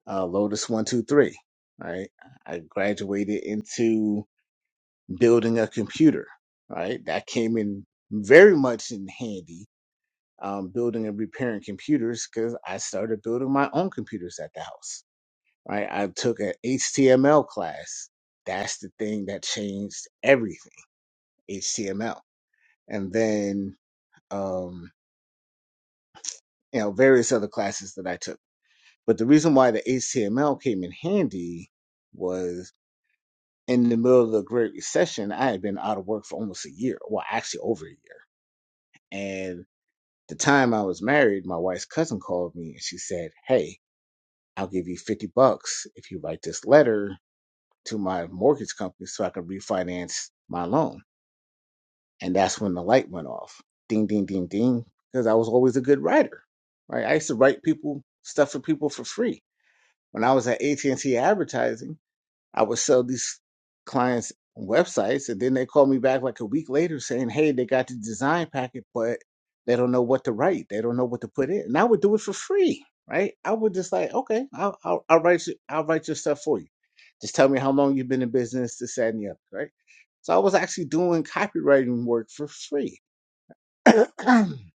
A: uh, Lotus One Two Three, right? I graduated into building a computer, right? That came in very much in handy, um, building and repairing computers because I started building my own computers at the house, right? I took an HTML class. That's the thing that changed everything HTML, and then um, you know various other classes that I took. But the reason why the HTML came in handy was in the middle of the Great Recession, I had been out of work for almost a year, well, actually over a year. And the time I was married, my wife's cousin called me and she said, "Hey, I'll give you fifty bucks if you write this letter to my mortgage company so I can refinance my loan." And that's when the light went off. Ding, ding, ding, ding. Because I was always a good writer, right? I used to write people stuff for people for free. When I was at AT&T Advertising, I would sell these clients websites, and then they call me back like a week later saying, "Hey, they got the design packet, but they don't know what to write. They don't know what to put in." And I would do it for free, right? I would just like, okay, I'll I'll, I'll write you, I'll write your stuff for you. Just tell me how long you've been in business, this, that, and the other, right? So I was actually doing copywriting work for free. <clears throat>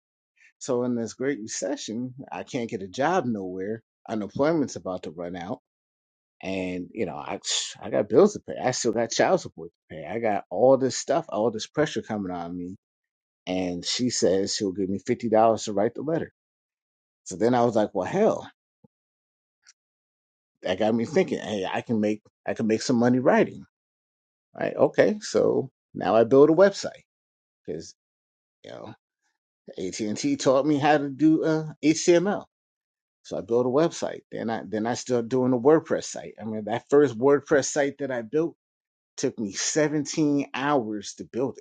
A: so in this great recession, I can't get a job nowhere. Unemployment's about to run out and you know I I got bills to pay. I still got child support to pay. I got all this stuff, all this pressure coming on me. And she says she'll give me fifty dollars to write the letter. So then I was like, well, hell, that got me thinking. Hey, I can make I can make some money writing. Right? Okay, so now I build a website because you know AT and T taught me how to do uh, HTML. So I built a website. Then I then I started doing a WordPress site. I mean, that first WordPress site that I built took me 17 hours to build it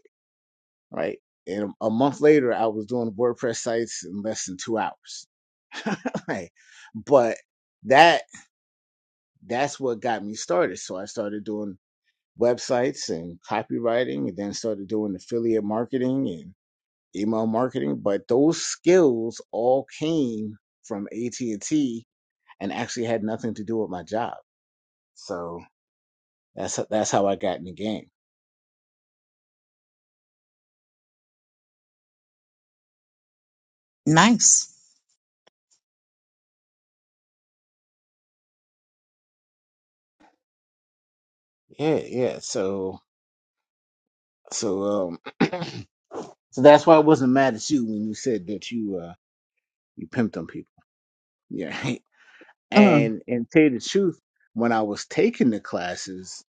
A: right? And a month later, I was doing WordPress sites in less than two hours. <laughs> Like, but that that's what got me started. So I started doing websites and copywriting, and then started doing affiliate marketing and email marketing. But those skills all came from AT and T, and actually had nothing to do with my job. So that's that's how I got in the game.
B: Nice.
A: Yeah, yeah. So so um <clears throat> So that's why I wasn't mad at you when you said that you uh you pimped on people. Yeah. <laughs>
B: Mm,
A: And and tell you the truth, when I was taking the classes,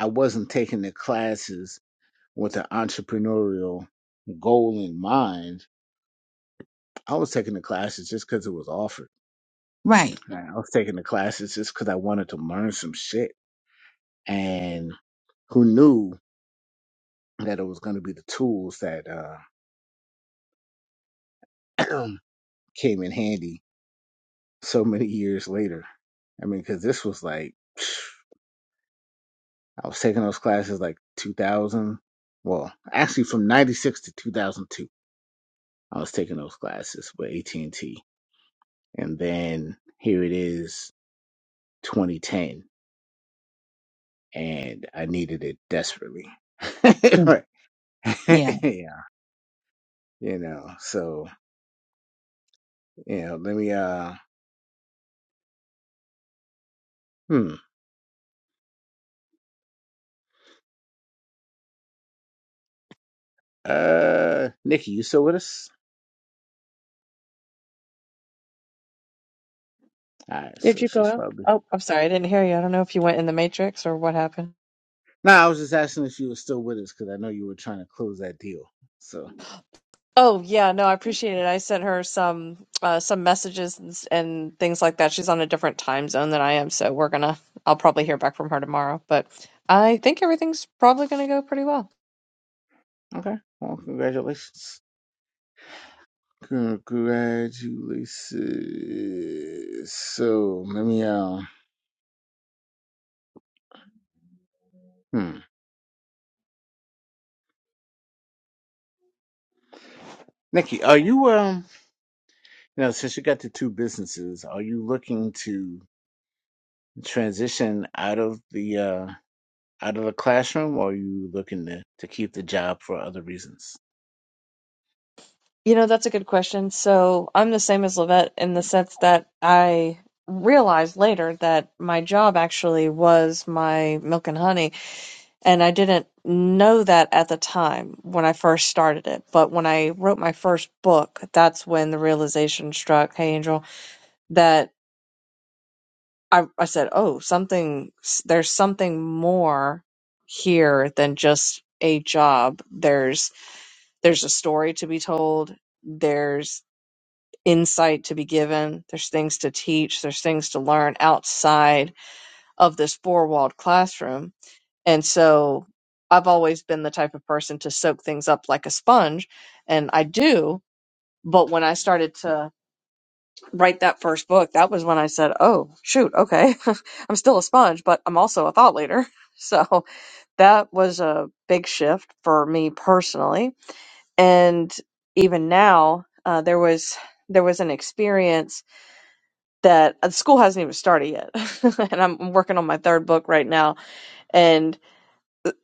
A: I wasn't taking the classes with an entrepreneurial goal in mind. I was taking the classes just because it was offered.
B: right.
A: Right? I was taking the classes just because I wanted to learn some shit. And who knew that it was going to be the tools that uh, <clears throat> came in handy so many years later. I mean, because this was like <sighs> I was taking those classes like 2000. Well, actually from 96 to 2002, I was taking those classes with AT&T. And T. And then here it is 2010 and I needed it desperately. <laughs>
B: Mm,
A: Right.
B: yeah.
A: <laughs> yeah. You know, so, you know, let me, uh, hmm. Uh, Nikki, you still with us? All right.
C: Did
A: So
C: you go
A: she's
C: out?
A: probably,
C: Oh, I'm sorry, I didn't hear you. I don't know if you went in the Matrix or what happened.
A: no, I was just asking if you were still with us because I know you were trying to close that deal. So.
C: Oh yeah, no, I appreciate it. I sent her some uh, some messages and, s- and things like that. She's on a different time zone than I am, so we're gonna. I'll probably hear back from her tomorrow, but I think everything's probably gonna go pretty well.
A: Okay. Well, congratulations. Congratulations. So let me um hmm. Nikki, are you um you know, since you got the two businesses, are you looking to transition out of the uh out of the classroom or are you looking to, to keep the job for other reasons?
C: You know, that's a good question. So I'm the same as Levette in the sense that I realized later that my job actually was my milk and honey, and I didn't know that at the time when I first started it. But when I wrote my first book, that's when the realization struck, hey Angel, that I I said, oh, something there's something more here than just a job. There's there's a story to be told. There's insight to be given. There's things to teach. There's things to learn outside of this four walled classroom. And so I've always been the type of person to soak things up like a sponge, and I do. But when I started to write that first book, that was when I said, oh, shoot, okay, <laughs> I'm still a sponge, but I'm also a thought leader. <laughs> So that was a big shift for me personally. And even now, uh, there was there was an experience that uh, school hasn't even started yet. <laughs> and I'm I'm working on my third book right now, and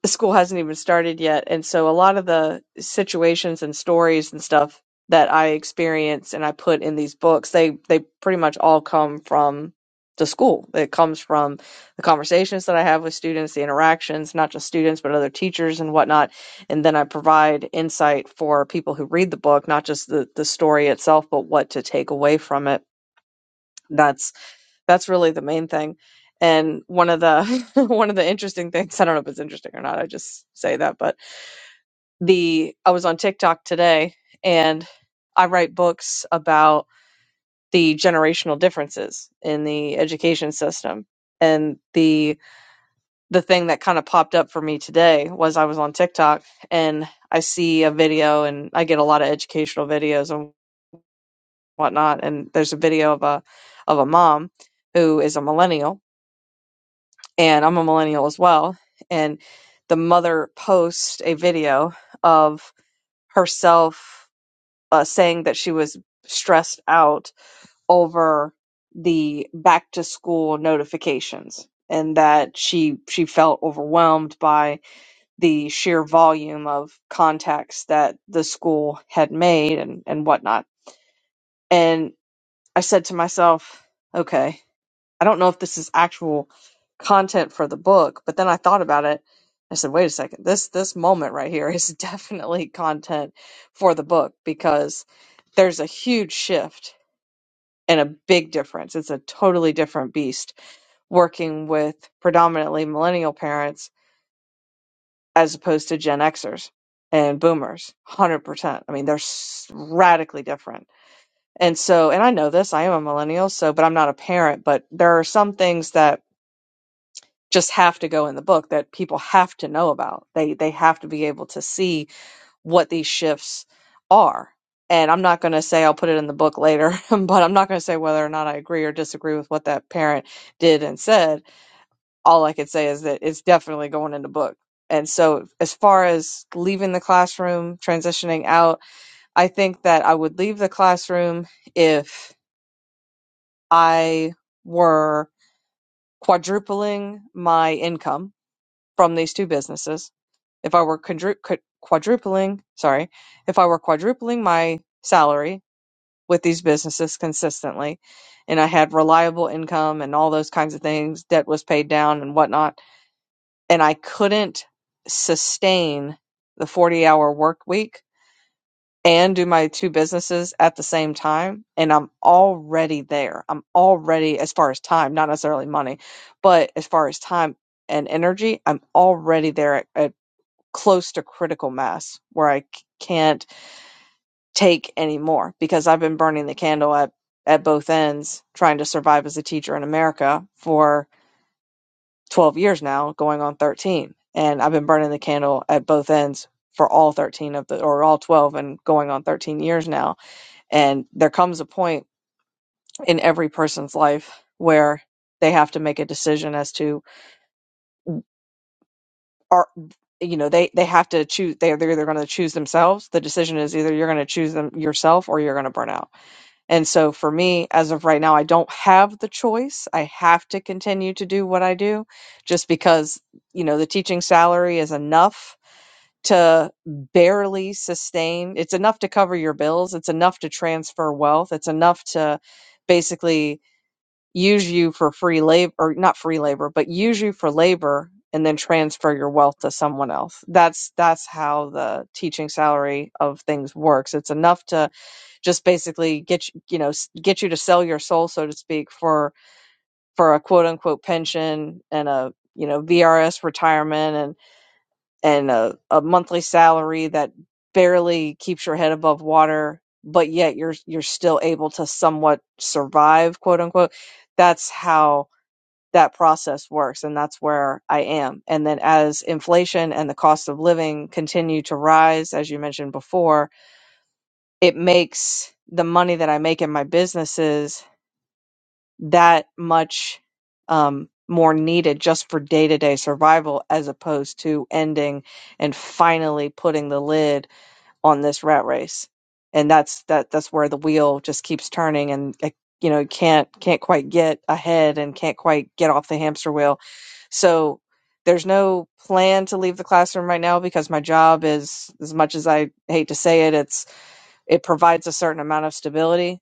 C: the school hasn't even started yet. And so a lot of the situations and stories and stuff that I experience and I put in these books, they they pretty much all come from the school. It comes from the conversations that I have with students, the interactions, not just students, but other teachers and whatnot. And then I provide insight for people who read the book, not just the, the story itself, but what to take away from it. That's that's really the main thing. And one of the <laughs> one of the interesting things, I don't know if it's interesting or not, I just say that, but the I was on TikTok today and I write books about the generational differences in the education system. And the the thing that kind of popped up for me today was I was on TikTok and I see a video and I get a lot of educational videos and whatnot. And there's a video of a of a mom who is a millennial and I'm a millennial as well. And the mother posts a video of herself uh, saying that she was stressed out over the back to school notifications and that she she felt overwhelmed by the sheer volume of contacts that the school had made and and whatnot and i said to myself okay I don't know if this is actual content for the book, but then I thought about it. I said, wait a second, this this moment right here is <laughs> definitely content for the book because there's a huge shift and a big difference. It's a totally different beast working with predominantly millennial parents as opposed to Gen Xers and boomers. 100%. I mean, they're s- radically different. And so, and I know this, I am a millennial, so, but I'm not a parent, but there are some things that just have to go in the book that people have to know about. They they have to be able to see what these shifts are. And I'm not going to say I'll put it in the book later, <laughs> but I'm not going to say whether or not I agree or disagree with what that parent did and said. All I could say is that it's definitely going in the book. And so as far as leaving the classroom, transitioning out, I think that I would leave the classroom if I were quadrupling my income from these two businesses If I were quadrupling, sorry, if I were quadrupling my salary with these businesses consistently, and I had reliable income and all those kinds of things, debt was paid down and whatnot, and I couldn't sustain the 40 hour work week and do my two businesses at the same time, and I'm already there. I'm already, as far as time, not necessarily money, but as far as time and energy, I'm already there at, at close to critical mass where I c- can't take any more because I've been burning the candle at, at both ends trying to survive as a teacher in America for 12 years now, going on 13. And I've been burning the candle at both ends for all 13 of the, or all 12 and going on 13 years now. And there comes a point in every person's life where they have to make a decision as to are you know they they have to choose they're they're either going to choose themselves the decision is either you're going to choose them yourself or you're going to burn out and so for me as of right now i don't have the choice i have to continue to do what i do just because you know the teaching salary is enough to barely sustain it's enough to cover your bills it's enough to transfer wealth it's enough to basically use you for free labor or not free labor but use you for labor and then transfer your wealth to someone else that's that's how the teaching salary of things works it's enough to just basically get you you know s- get you to sell your soul so to speak for for a quote unquote pension and a you know VRS retirement and and a, a monthly salary that barely keeps your head above water but yet you're you're still able to somewhat survive quote unquote that's how that process works and that's where i am and then as inflation and the cost of living continue to rise as you mentioned before it makes the money that i make in my businesses that much um, more needed just for day-to-day survival as opposed to ending and finally putting the lid on this rat race and that's that that's where the wheel just keeps turning and uh, you know can't can't quite get ahead and can't quite get off the hamster wheel so there's no plan to leave the classroom right now because my job is as much as i hate to say it it's it provides a certain amount of stability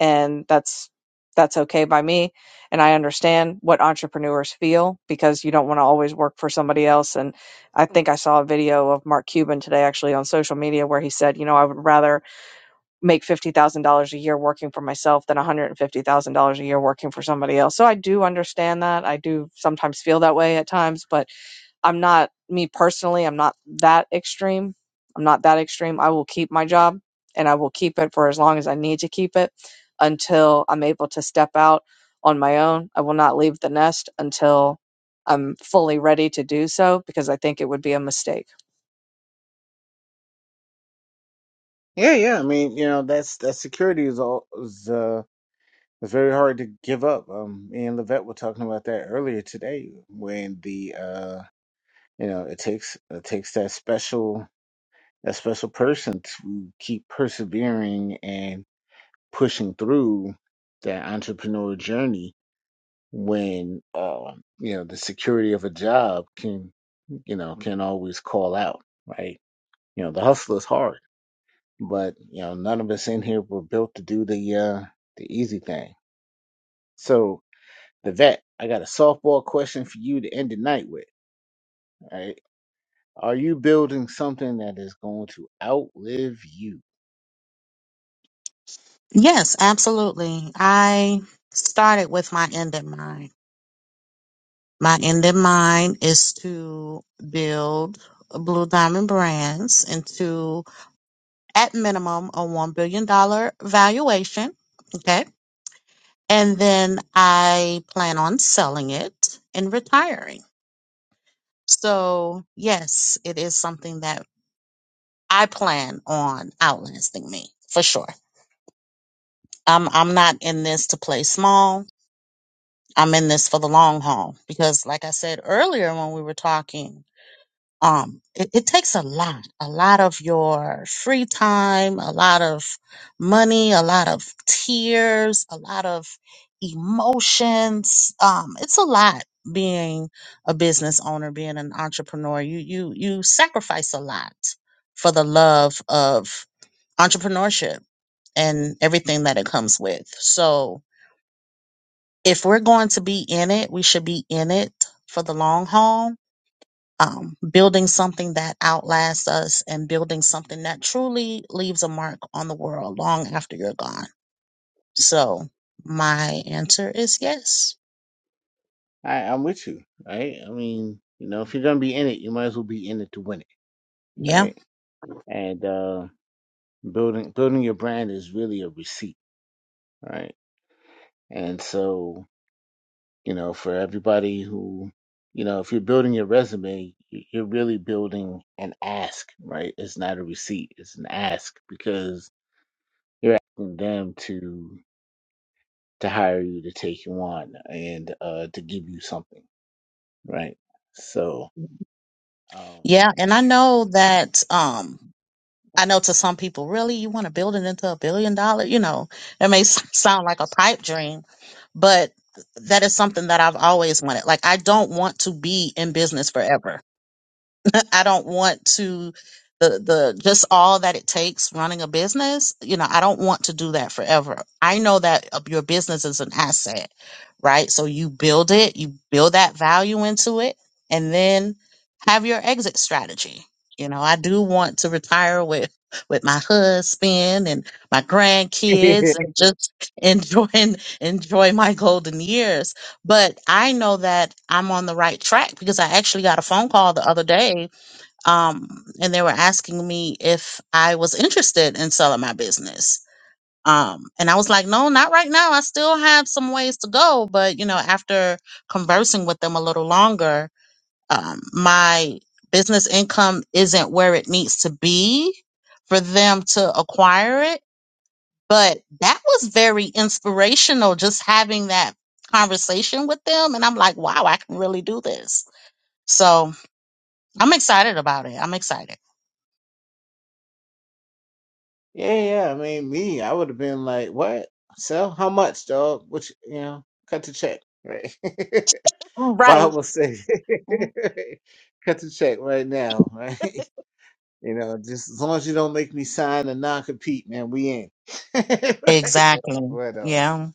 C: and that's that's okay by me and i understand what entrepreneurs feel because you don't want to always work for somebody else and i think i saw a video of mark cuban today actually on social media where he said you know i would rather make $50000 a year working for myself than $150000 a year working for somebody else so i do understand that i do sometimes feel that way at times but I'm not me personally, I'm not that extreme. I'm not that extreme. I will keep my job and I will keep it for as long as I need to keep it until I'm able to step out on my own. I will not leave the nest until I'm fully ready to do so because I think it would be a mistake.
A: Yeah, yeah. I mean, you know, that's that security is all is uh is very hard to give up. Um, me and Levette were talking about that earlier today when the uh you know it takes it takes that special that special person to keep persevering and pushing through that entrepreneurial journey when um you know the security of a job can you know can always call out, right? You know, the hustle is hard but you know none of us in here were built to do the uh the easy thing so the vet i got a softball question for you to end the night with all right are you building something that is going to outlive you
B: Yes, absolutely. I started with my end in mind. My end in mind is to build Blue Diamond Brands into, at minimum, a $1 billion dollar valuation. Okay. And then I plan on selling it and retiring. So, yes, it is something that I plan on outlasting me for sure. I'm I'm not in this to play small. I'm in this for the long haul because, like I said earlier when we were talking, um, it, it takes a lot, a lot of your free time, a lot of money, a lot of tears, a lot of emotions. Um, it's a lot being a business owner, being an entrepreneur. You you you sacrifice a lot for the love of entrepreneurship and everything that it comes with. So if we're going to be in it, we should be in it for the long haul. Um, building something that outlasts us and building something that truly leaves a mark on the world long after you're gone. So my answer is yes.
A: I, i'm with you right i mean you know if you're gonna be in it you might as well be in it to win it
B: Yeah.
A: right and uh building building your brand is really a receipt right and so you know, for everybody who, you know, if you're building your resume, y- you're really building an ask, right? It's not a receipt, it's an ask because you're asking them to to hire you to take you on and uh to give you something, right? So, um
B: Yeah, and I know that um I know to some people, really, you want to build it into a billion dollar, you know, it may s- sound like a pipe dream, but that is something that I've always wanted. Like I don't want to be in business forever. <laughs> I don't want to the the just all that it takes running a business. You know, I don't want to do that forever. I know that uh, your business is an asset, right? So you build it, you build that value into it, and then have your exit strategy. You know, I do want to retire with with my husband and my
A: <laughs> yeah,
B: grandkids and just <laughs> enjoying enjoy my golden years. But I know that I'm on the right track because I actually got a phone call the other day um, and they were asking me if I was interested in selling my business. Um, and I was like, no, not right now. I still have some ways to go. But, you know, after conversing with them a little longer, um, my business income isn't where it needs to be for them to acquire it. But that was very inspirational just having that conversation with them. And I'm like, wow, I can really do this. So I'm excited about it. I'm excited.
A: yeah, I mean, me, I would have been like, "What? So, how much, dog? Which, you you know, cut the check, right?" <laughs> But I
B: Right.
A: will say, <laughs> "Cut the check right now, right?" <laughs> You know, just as long as you don't make me sign a non compete, man, we in. <laughs> right?
B: Exactly.
A: But uh,
B: Yeah.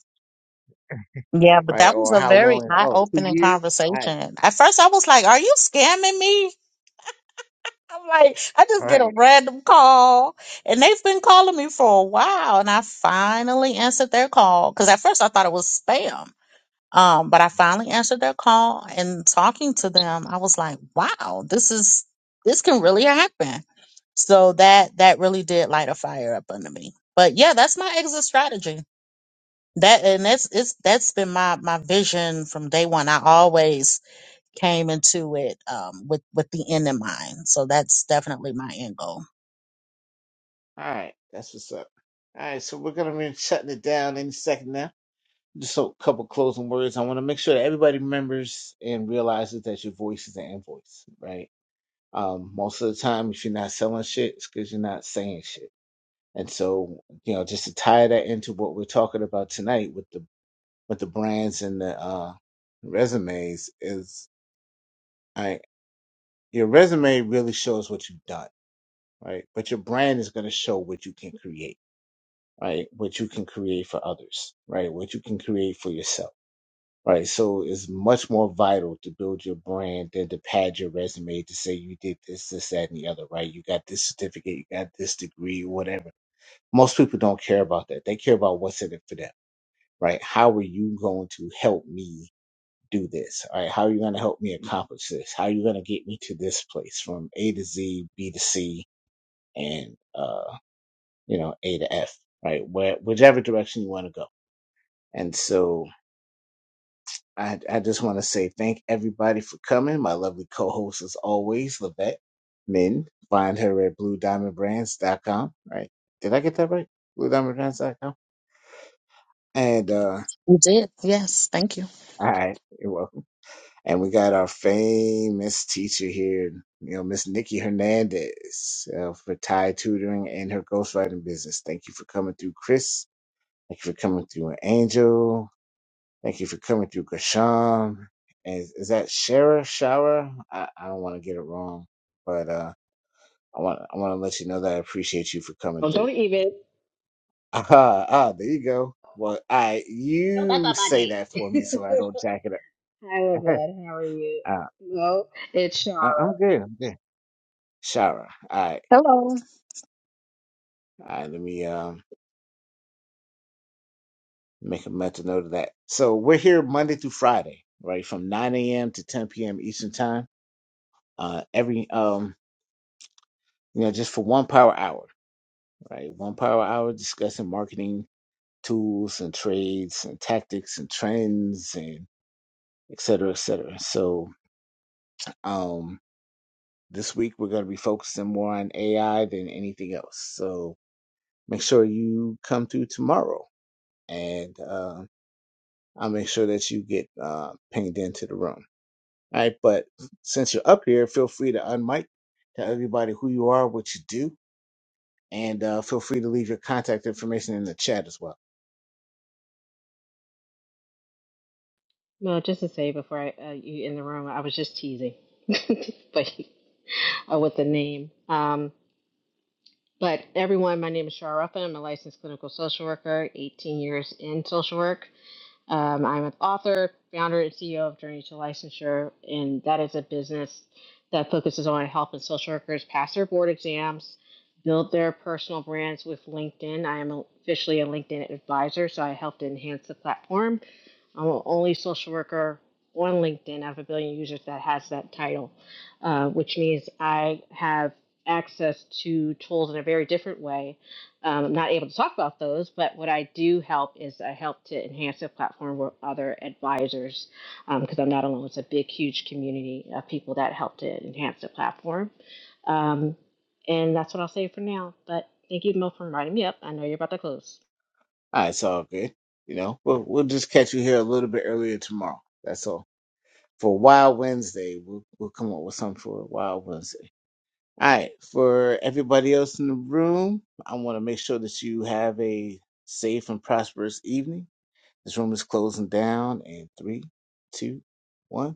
B: Yeah, but
A: right,
B: that was
A: or
B: a
A: how
B: very
A: long? Oh, two
B: eye-opening
A: years. All right,
B: conversation. At first I was like, "Are you scamming me?" I'm like, I
A: all
B: just get a
A: right,
B: random call and they've been calling me for a while and I finally answered their call cuz at first I thought it was spam. Um, but I finally answered their call and talking to them, I was like, "Wow, this is this can really happen." So that that really did light a fire up under me. But yeah, that's my exit strategy. that and that's it's that's been my my vision from day one i always came into it um with with the end in mind so that's definitely my end goal
A: all right. That's what's up. All right, so we're gonna be shutting it down any second now. Just a couple closing words. I want to make sure that everybody remembers and realizes that your voice is an invoice, right? Um, most of the time, if you're not selling shit, it's because you're not saying shit. And so, you know, just to tie that into what we're talking about tonight with the with the brands and the uh, resumes is I your resume really shows what you've done, right? But your brand is going to show what you can create, right? What you can create for others, right? What you can create for yourself, right? So it's much more vital to build your brand than to pad your resume to say you did this, this, that, and the other, right? You got this certificate, you got this degree, whatever. Most people don't care about that. They care about what's in it for them, right? How are you going to help me do this? All right, how are you going to help me accomplish this? How are you going to get me to this place from A to Z, B to C, and uh, you know A to F? Right, where whichever direction you want to go. And so I I just want to say thank everybody for coming. My lovely co-host as always, Levette Min. Find her at blue diamond brands dot com. Right? Did I get that right? blue diamond brands dot com. And uh,
B: you did yes thank you
A: all right, you're welcome And we got our famous teacher here, you know, Miss Nikki Hernandez uh, for Thai tutoring and her ghostwriting business. Thank you for coming through, Chris. Thank you for coming through, Angel. Thank you for coming through, Kasham. And is, is that Shara? Shara? I, I don't want to get it wrong, but uh, I want I want to let you know that I appreciate you for coming
E: Oh, don't
A: through. <laughs>
E: even.
A: Ah, ah, there you go. Well, I
E: No, that's
A: you
E: not my
A: say
E: name.
A: that for me
E: <laughs>
A: so I don't jack it up.
E: Hi,
A: <laughs>
E: Lavette. How are you?
A: ah,
E: No, it's
A: I, I'm
E: Shara.
A: good. I'm good. Shara. All right.
B: hello
A: All right, let me uh, make a mental note of that. So we're here Monday through Friday, right, from 9 a.m. to 10 p.m. Eastern time. Uh, every um, you know, just for one power hour, right? One power hour discussing marketing tools and trades and tactics and trends and et cetera, et cetera. So um, this week we're going to be focusing more on AI than anything else. So make sure you come through tomorrow, and uh, I'll make sure that you get uh, pinged into the room. All right, but since you're up here, feel free to unmic, tell everybody who you are, what you do, and uh, feel free to leave your contact information in the chat as well.
E: No, just to say before I, uh, you in the room, I was just teasing, <laughs> but uh, with the name. Um, but everyone, my name is Shara Ruffin. I'm a licensed clinical social worker, 18 years in social work. Um, I'm an author, founder, and CEO of Journey to Licensure, and that is a business that focuses on helping social workers pass their board exams, build their personal brands with LinkedIn. I am officially a LinkedIn advisor, so I help to enhance the platform I'm the only social worker on LinkedIn. I have a billion users that has that title, uh, which means I have access to tools in a very different way. Um, I'm not able to talk about those, but what I do help is I help to enhance the platform with other advisors because um, I'm not alone. It's a big, huge community of people that help to enhance the platform. Um, and that's what I'll say for now. But thank you, Mill, for inviting me up. I know you're about to close.
A: All right, it's all good. You know, we'll we'll just catch you here a little bit earlier tomorrow. That's all. For Wild Wednesday, we'll we'll come up with something for Wild Wednesday. All right, for everybody else in the room, I want to make sure that you have a safe and prosperous evening. This room is closing down in three, two, one.